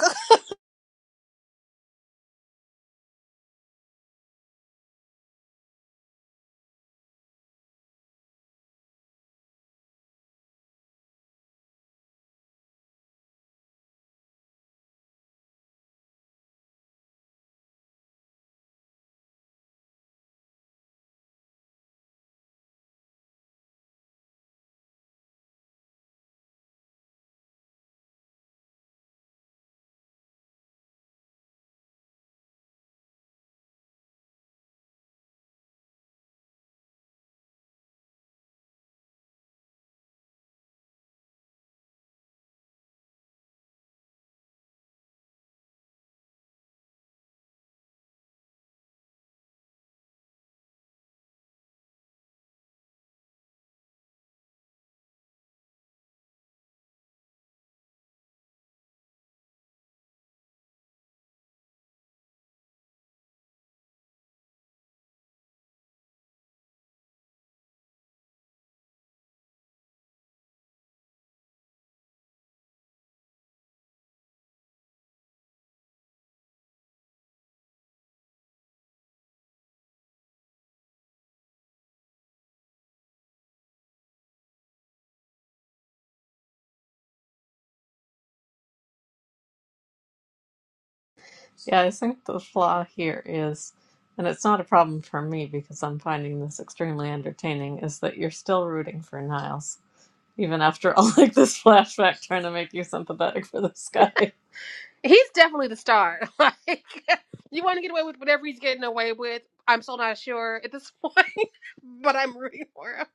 Yeah, I think the flaw here is, and it's not a problem for me because I'm finding this extremely entertaining, is that you're still rooting for Niles, even after all [laughs] like this flashback trying to make you sympathetic for this guy. [laughs] He's definitely the star. [laughs] Like, you want to get away with whatever he's getting away with. I'm still not sure at this point, [laughs] but I'm rooting for him.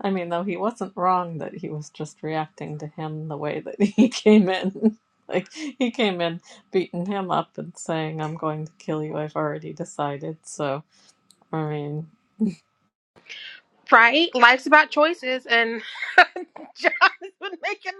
I mean, though he wasn't wrong that he was just reacting to him the way that [laughs] he came in. Like he came in beating him up and saying, I'm going to kill you, I've already decided. So I mean, Right? Life's about choices, and [laughs] John has been making.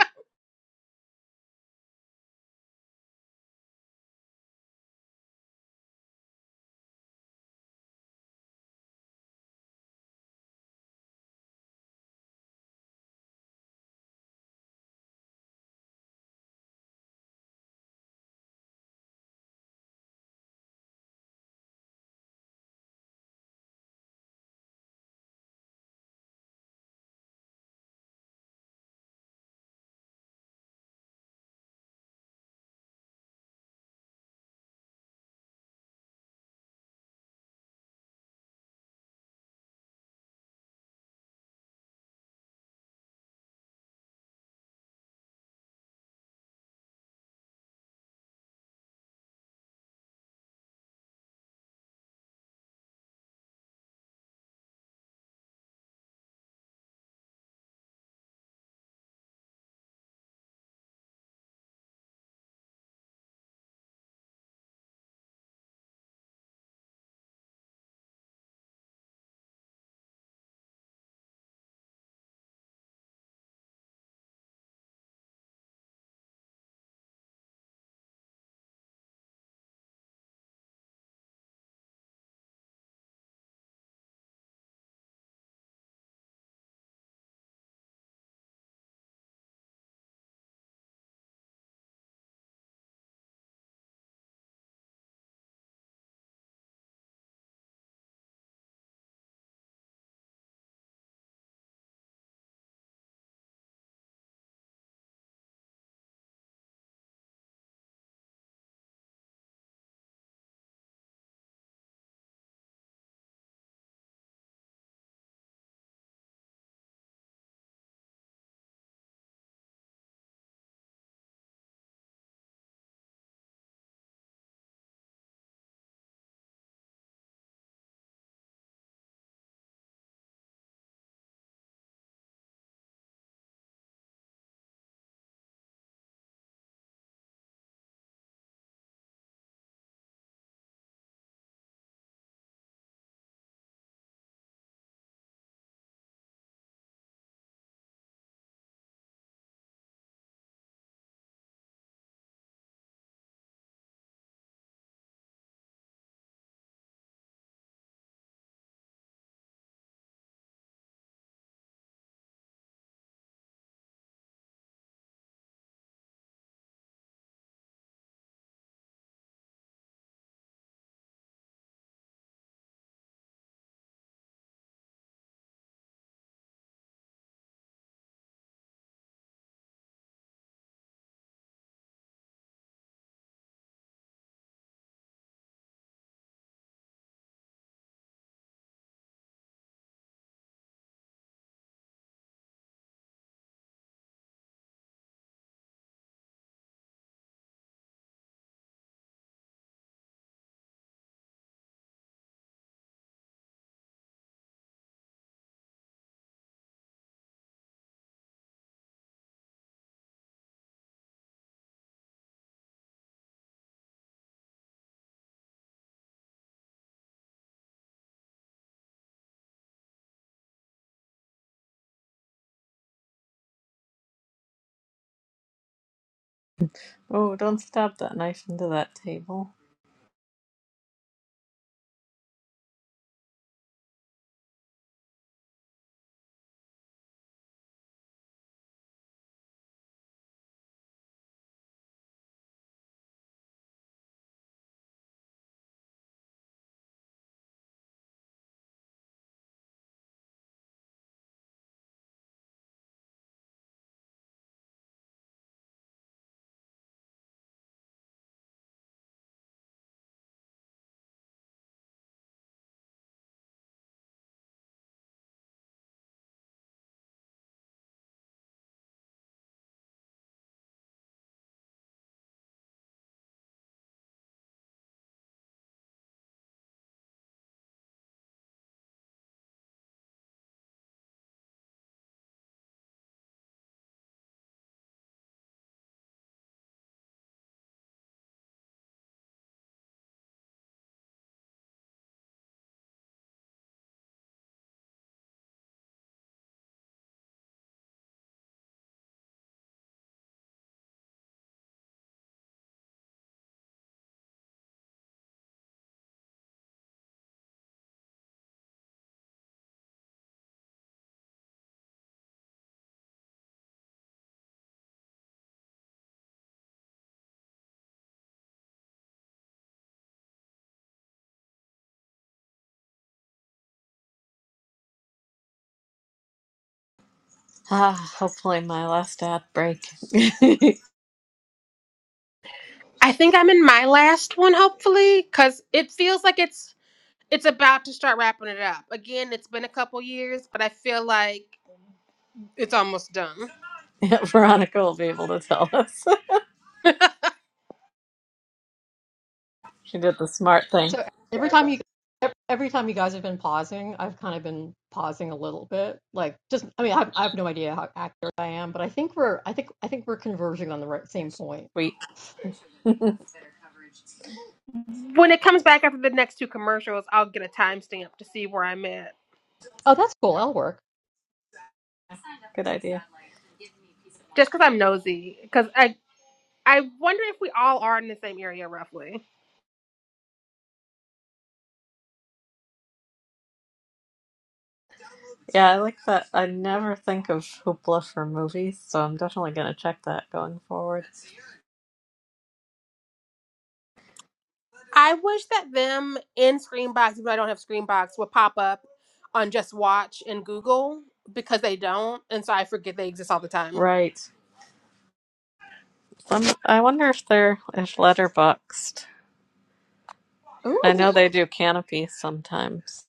oh, don't stab that knife into that table. Ah, hopefully my last ad break. [laughs] Aunt I think I'm in my last one, hopefully, because it feels like it's It's about to start wrapping it up. Again, it's been a couple years, but I feel like it's almost done. Veronica will be able to tell us. [laughs] she did the smart thing. So every time you every time you guys have been pausing, I've kind of been pausing a little bit. Like just I mean, I have, I have no idea how accurate I am, but I think we're I think I think we're converging on the right same point. Sweet. [laughs] Good When it comes back after the next two commercials, I'll get a timestamp to see where I'm at. Oh, that's cool. That'll work. idea. Just because I'm nosy. Because I, I wonder if we all are in the same area roughly. Yeah, I like that. I never think of Hoopla for movies, so I'm definitely gonna check that going forward. I wish that them in Screenbox, even though I don't have Screenbox, would pop up on Just Watch and Google because they don't. And so I forget they exist all the time. Right. Some, I wonder if they're if letterboxed. I Ooh. know they do canopy sometimes.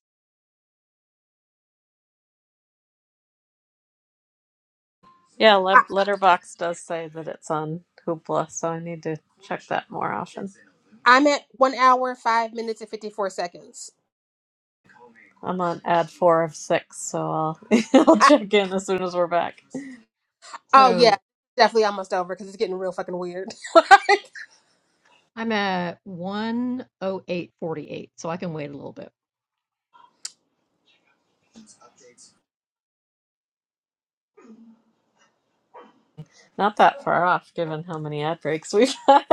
Yeah, I, le- letterbox does say that it's on Hoopla, so I need to check that more often. I'm at one hour, five minutes, and 54 seconds. I'm on ad four of six, so I'll [laughs] I'll check in as soon as we're back. Oh yeah, So definitely almost over because it's getting real fucking weird. [laughs] I'm at 108.48, so I can wait a little bit. Not that far off, given how many ad breaks we've [laughs] had.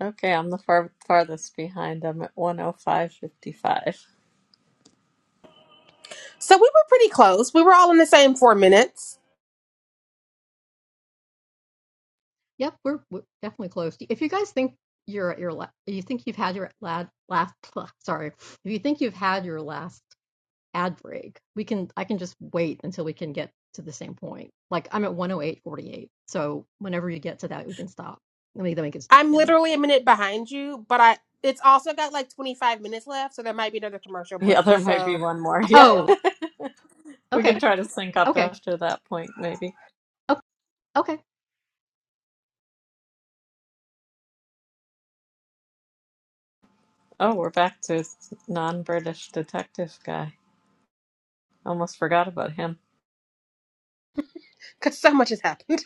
Okay, I'm the far farthest behind. I'm at 105.55. so we were pretty close. We were all in the same four minutes. Yep, we're, we're definitely close. If you guys think you're at your la- you think you've had your lad last [laughs] sorry, if you think you've had your last ad break. We can I can just wait until we can get to the same point. Like I'm at 108.48. So whenever you get to that, we can stop. Let me then we can I'm again. literally a minute behind you, but I it's also got like 25 minutes left, so there might be another commercial Yeah, break. there might be So one more. [laughs] Yeah, Oh, we okay. could try to sync up Okay. after that point, maybe. Okay. okay. Oh, we're back to non-British detective guy. Almost forgot about him. because so much has happened. [laughs]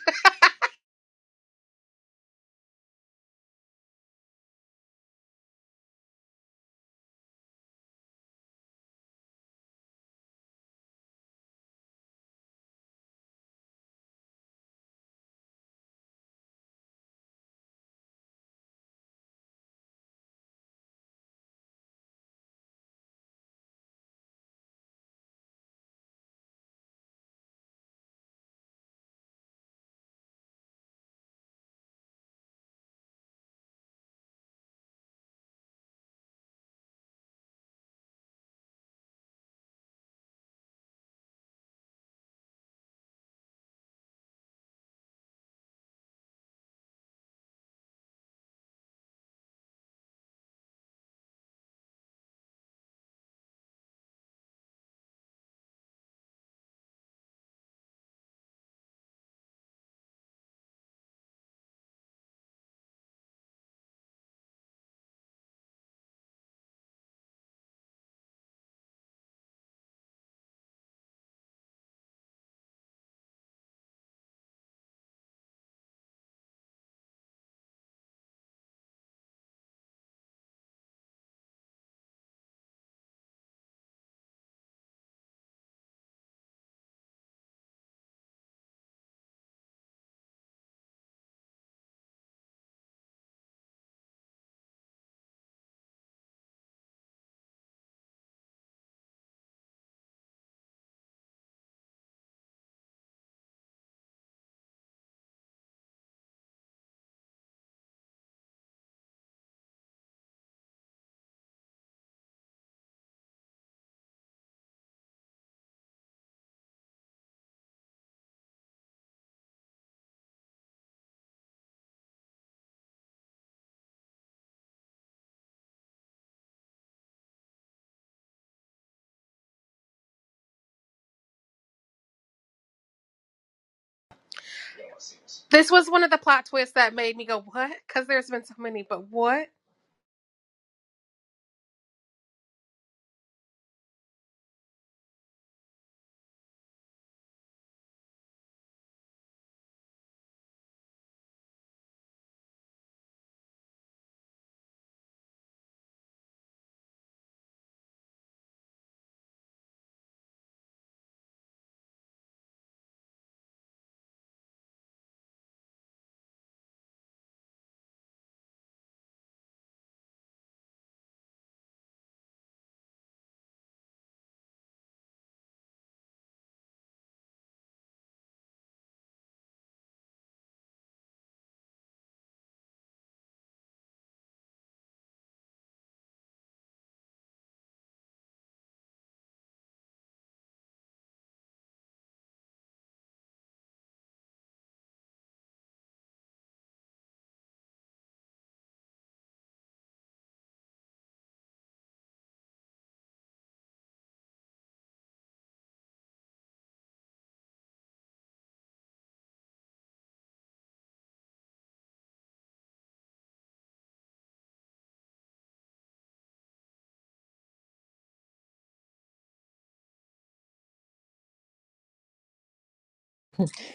This was one of the plot twists that made me go what? Because there's been so many, but what?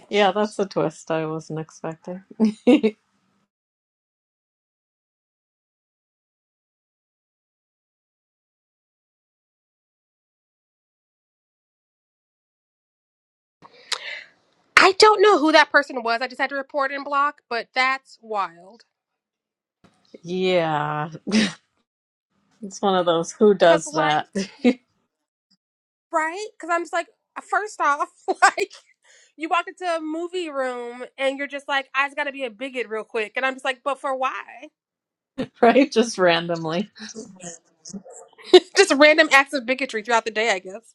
Yeah, that's a twist I wasn't expecting. [laughs] I don't know who that person was. I just had to report and block, but that's wild. yeah, it's one of those who Cause does like that, right? Cause I'm just like first off, [laughs] like. you walk into a movie room and you're just like, I just gotta be a bigot real quick. And I'm just like, but for why? [laughs] right? Just randomly. [laughs] just random acts of bigotry throughout the day, I guess.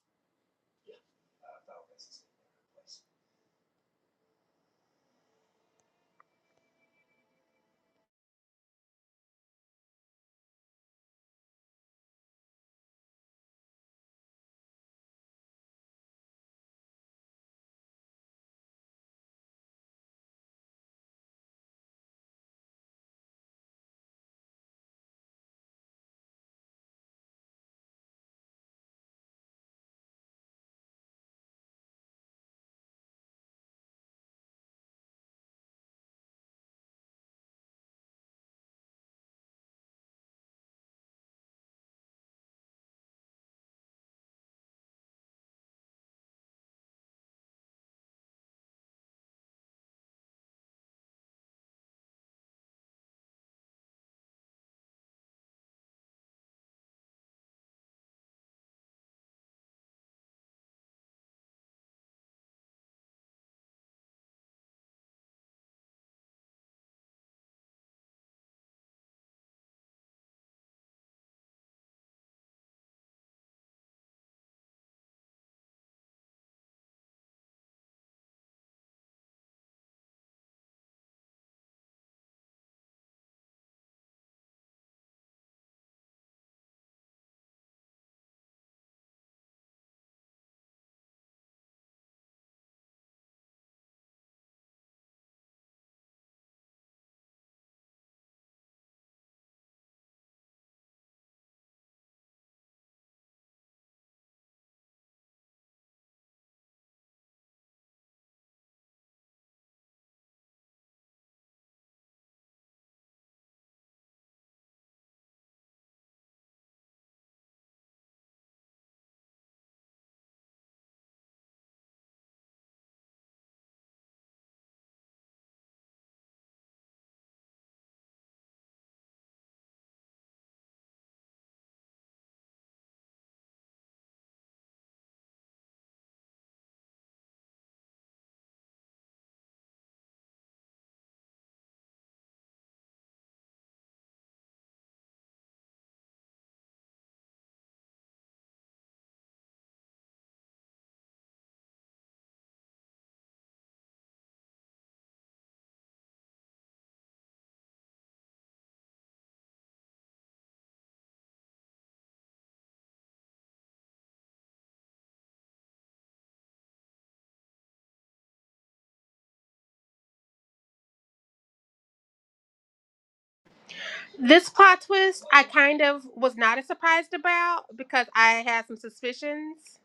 This plot twist I kind of was not as surprised about because I had some suspicions.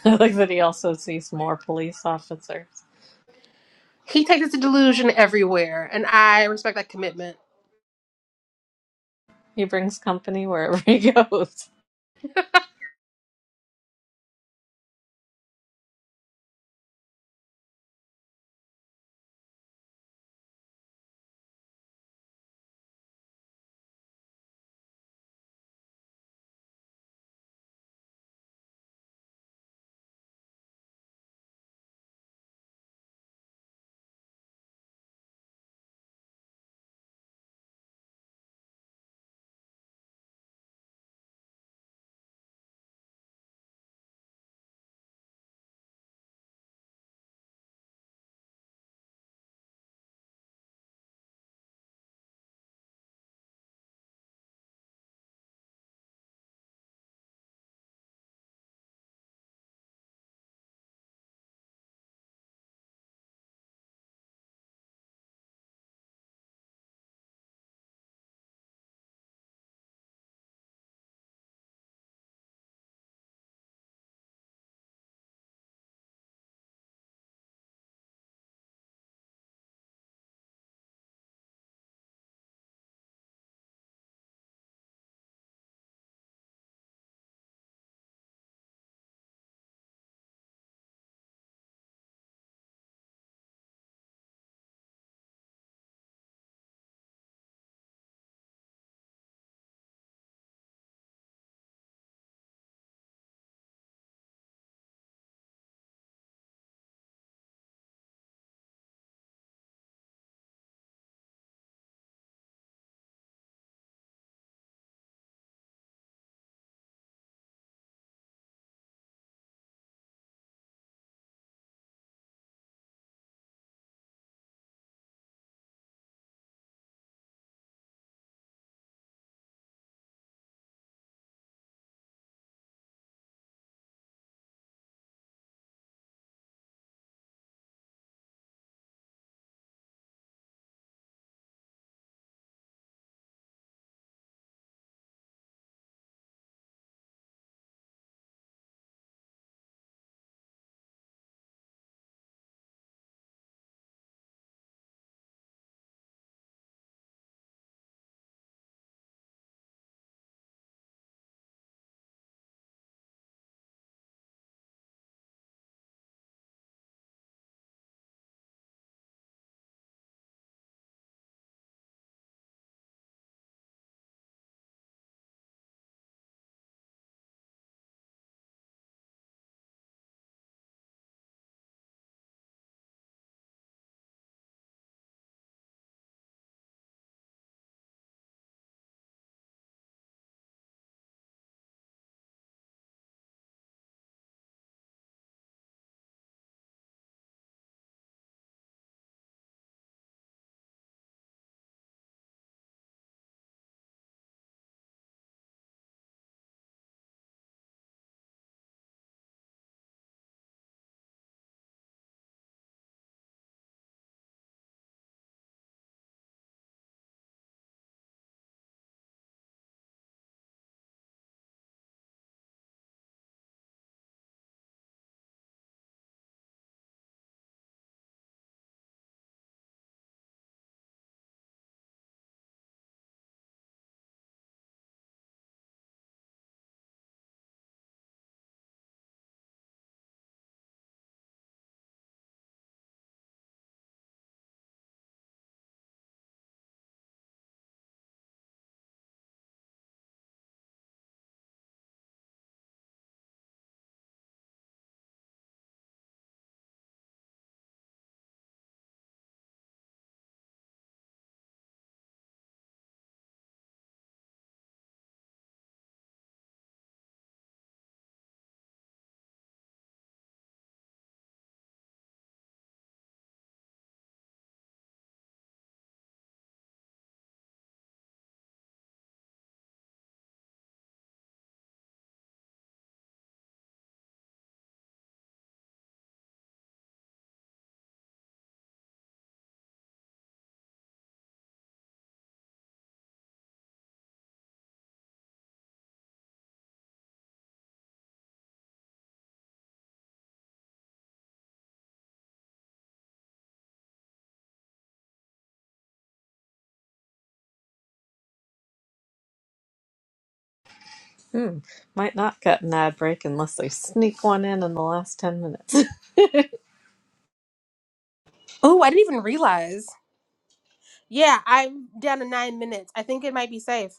[laughs] I like that he also sees more police officers. He takes the delusion everywhere, and I respect that commitment. He brings company wherever [laughs] he goes. Hmm. Might not get an ad break unless they sneak one in in the last 10 minutes. [laughs] Oh, I didn't even realize. Yeah, I'm down to nine minutes. I think it might be safe.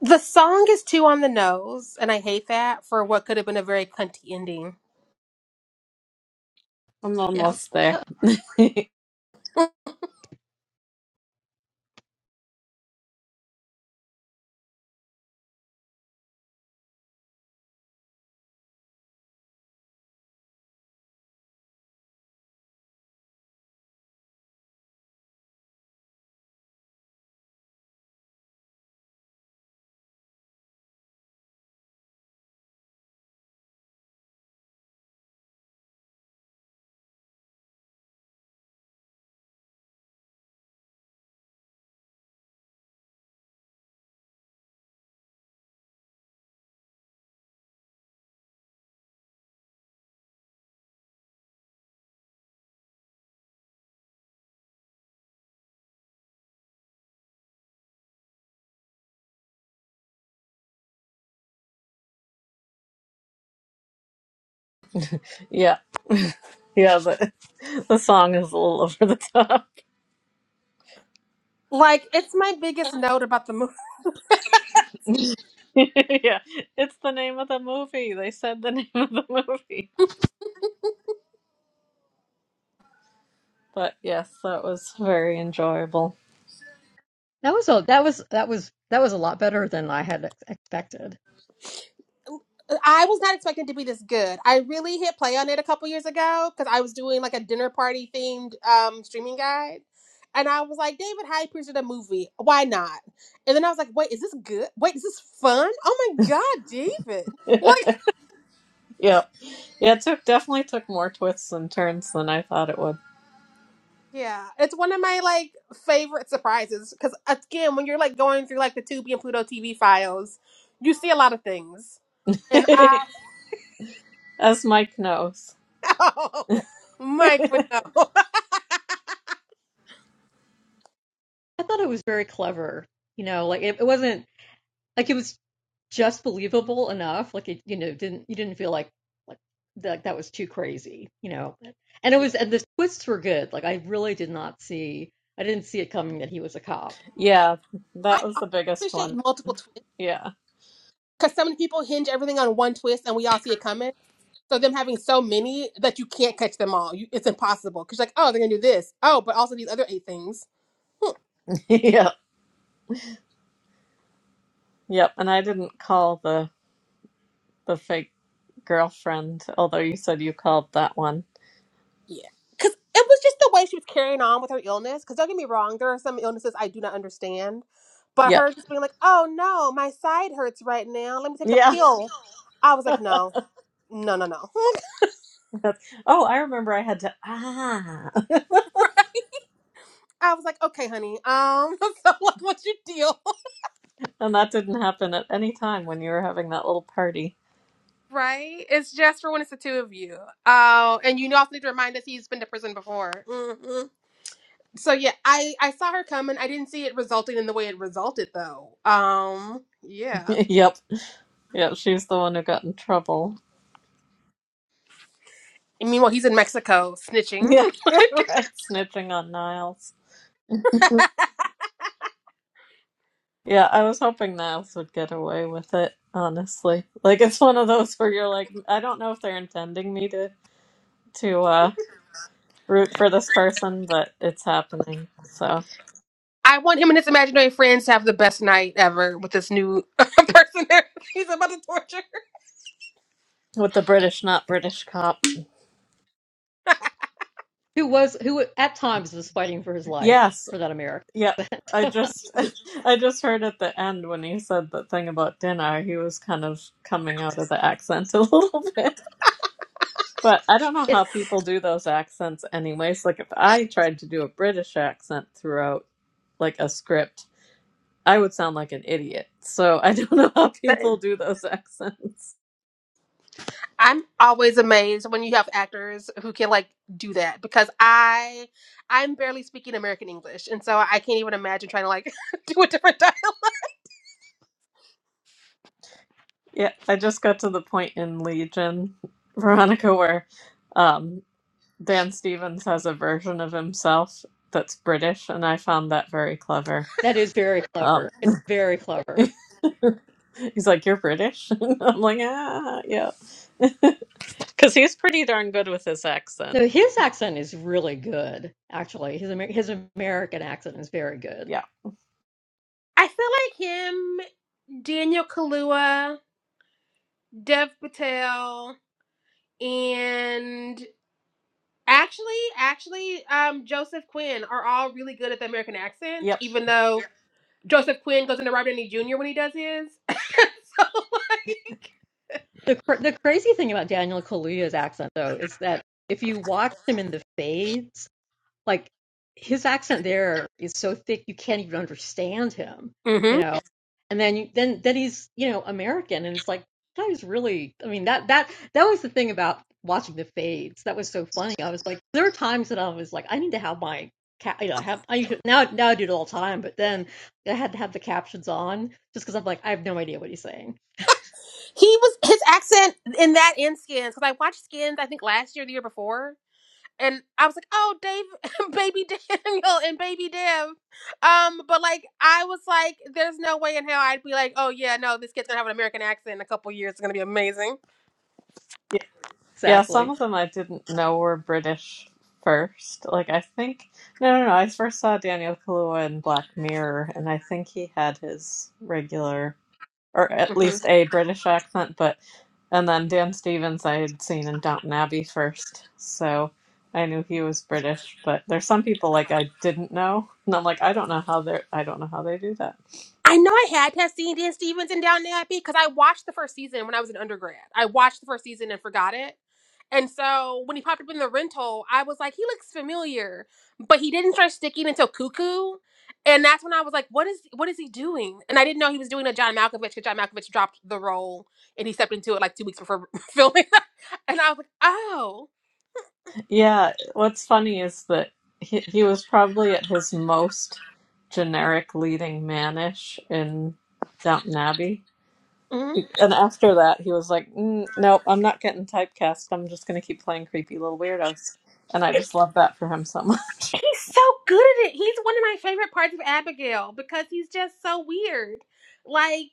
The song is too on the nose, and I hate that for what could have been a very cunty ending. I'm Yeah. almost [laughs] there. [laughs] yeah. Yeah, the, [laughs] the song is a little [laughs] over the top. Like, it's my biggest note about the movie. [laughs] yeah, it's the name of the movie. They said the [laughs] name of the movie. But yes, that was very enjoyable. That was a that was that was that was a lot better than I had ex- expected. I was not expecting to be this good. I really hit play on it a couple years ago because I was doing like a dinner party themed um, streaming guide. And I was like, David Hypers did a movie. Why not? And then I was like, wait, is this good? Wait, is this fun? Oh my God, David. Like, Yep. Yeah, it took definitely took more twists and turns than I thought it would. yeah, it's one of my like favorite surprises because again, when you're like going through like the Tubi and Pluto TV files, you see a lot of things. And [laughs] I, As Mike knows. [laughs] Mike would know. I thought it was very clever. You know, like it, it wasn't Like it was just believable enough. Like it, you know, didn't you didn't feel like like that that was too crazy, you know. And [laughs] it yeah, was and the twists were good. Like I really did not see I didn't see it coming that he was a cop Yeah, I that was the biggest appreciate one. multiple twists. Yeah. Because so many people hinge everything on one twist, and we all see it coming. So them having so many that you can't catch them all, you, it's impossible. Because like, oh, they're gonna do this. Oh, but also these other eight things. [laughs] yeah. Yep. And I didn't call the the fake girlfriend, although you said you called that one. Yeah. Because it was just the way she was carrying on with her illness. Because don't get me wrong, there are some illnesses I do not understand, but Yep. her just being like, oh no, my side hurts right now. Let me take a Yeah. pill. I was like, no, no, no, no. [laughs] oh, I remember I had to ah [laughs] [laughs] I was like, okay, honey. Um, [laughs] so like, what's your deal? and that didn't happen at any time when you were having that little party. Right? It's just for when it's the two of you. Oh, and you also need to remind us he's been to prison before. hmm So yeah, I I saw her coming. I didn't see it resulting in the way it resulted though. Um, [laughs] yeah. yep. Yep, she's the one who got in trouble. And meanwhile, he's in Mexico snitching. Yeah. [laughs] right. Snitching on Niles. [laughs] Yeah, I was hoping the elves would get away with it, honestly. Like it's one of those where you're like, I don't know if they're intending me to to uh root for this person, but it's happening. So [laughs] I want him and his imaginary friends to have the best night ever with this new [laughs] person that he's about to torture. with the British not British cop. who was who at times was fighting for his life Yes. for that American Yep. I accent. [laughs] just [laughs] I just heard at the end when he said the thing about dinner, he was kind of coming out of the accent [laughs] a little bit. But I don't know it's, how people do those accents anyways. Like if I tried to do a British accent throughout like a script I would sound like an idiot. So I [laughs] don't know how Look. people do those [laughs] accents. I'm always amazed when you have actors who can like do that because I I'm barely speaking American English and so I can't even imagine trying to like [laughs] do a different [laughs] dialect. Yeah, I just got to the point in Legion, Veronica, where um, Dan Stevens has a version of himself that's British, and I found that very clever. that is very Um, clever. It's very clever. [laughs] he's like, "You're British," [laughs] and I'm like, "Ah, yeah," because he's pretty darn good with his accent. No, his accent is really good. Actually, his Amer- his American accent is very good. Yeah. I feel like him, Daniel Kaluuya, Dev Patel, and actually actually um Joseph Quinn are all really good at the American accents, Yep. even though Joseph Quinn goes into Robert Downey Jr. when he does his. The the crazy thing about Daniel Kaluuya's accent though is that if you watch him in the fades, like his accent there is so thick you can't even understand him, [laughs] so you know. And then you, then then he's you know American, and it's like that is really. I mean that that that was the thing about watching the fades. That was so funny. I was like, there were times that I was like, I need to have my ca- you know I have I used to, now now I do it all the time, but then I had to have the captions on just because I'm like I have no idea what he's saying He was his accent in that in Skins because I watched Skins I think last year, or the year before, and I was like, oh, Dave, [laughs] baby Daniel, and baby Dev. Um, but like I was like, there's no way in hell I'd be like, oh yeah, no, this kid's gonna have an American accent in a couple years. It's gonna be amazing. yep. Yeah, some exactly. of them I didn't know were British first. Like I think no no no, I first saw Daniel Kaluuya in Black Mirror and I think he had his regular or at Mm-hmm. least a British accent, but and then Dan Stevens I had seen in Downton Abbey first. So I knew he was British, but there's some people like I didn't know and I'm like I don't know how they are I don't know how they do that. I know I had to have seen Dan Stevens and Down Abbey because I watched the first season when I was an undergrad. I watched the first season and forgot it. And so when he popped up in the rental, I was like, he looks familiar. But he didn't start sticking until Cuckoo. And that's when I was like, what is what is he doing? And I didn't know he was doing a John Malkovich because John Malkovich dropped the role and he stepped into it like two weeks before [laughs] filming. [laughs] and I was like, oh. Yeah, what's funny is that he, he was probably at his most generic leading manish in Downton Abbey. Mhm. And after that, he was like, mm, nope, I'm not getting typecast. I'm just going to keep playing creepy little weirdos. And I just love that for him so much. He's so good at it. He's one of my favorite parts of Abigail because he's just so weird. Like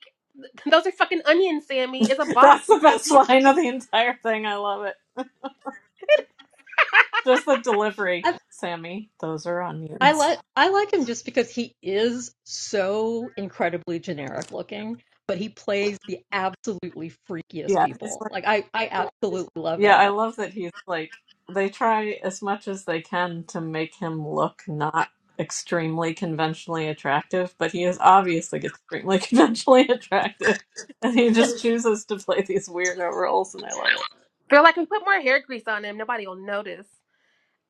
Those are fucking onions, Sammy. It's a [laughs] bop That's the because best he's. line of the entire thing. I love it. Just the delivery. I, Sammy, those are I onions. like I like him just because he is so incredibly generic looking, but he plays the absolutely freakiest Yeah. people. Like I I absolutely love Yeah, I that. love that he's like they try as much as they can to make him look not extremely conventionally attractive, but he is obviously extremely [laughs] conventionally attractive. And he just chooses to play these weirdo roles and I love it. They're like, we put more hair grease on him. Nobody will notice.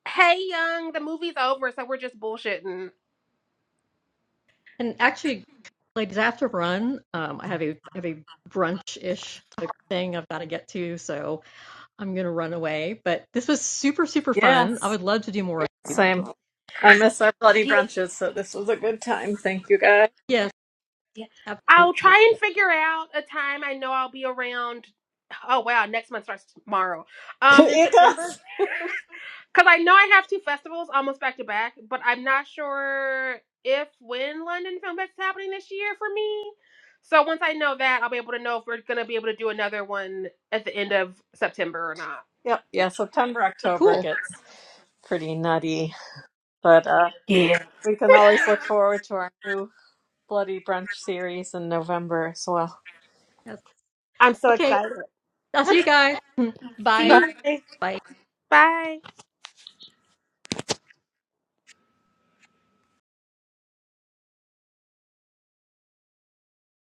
Hey, young, the movie's over, so we're just bullshitting. And actually, ladies, after run, um, I have a I have a brunch ish type thing I've got to get to, so I'm gonna run away. But this was super super fun. I Yes. would love to do more. Same. I miss our bloody Yeah, brunches, so this was a good time. Thank you guys. Yes, yeah. I'll absolutely. try and figure out a time I know I'll be around. Oh, wow. Next month starts tomorrow. [laughs] Um, In it September? does. Because I know I have two festivals almost back to back, but I'm not sure if when London Film Fest is happening this year for me. So once I know that, I'll be able to know if we're gonna be able to do another one at the end of September or not. Yep. Yeah, September, October Cool. gets pretty nutty. But uh Yeah. we can always look forward to our new Bloody Brunch series in November as well. Yes. I'm so Okay. excited. I'll see you guys. [laughs] See Bye. you. Bye. Bye. Bye.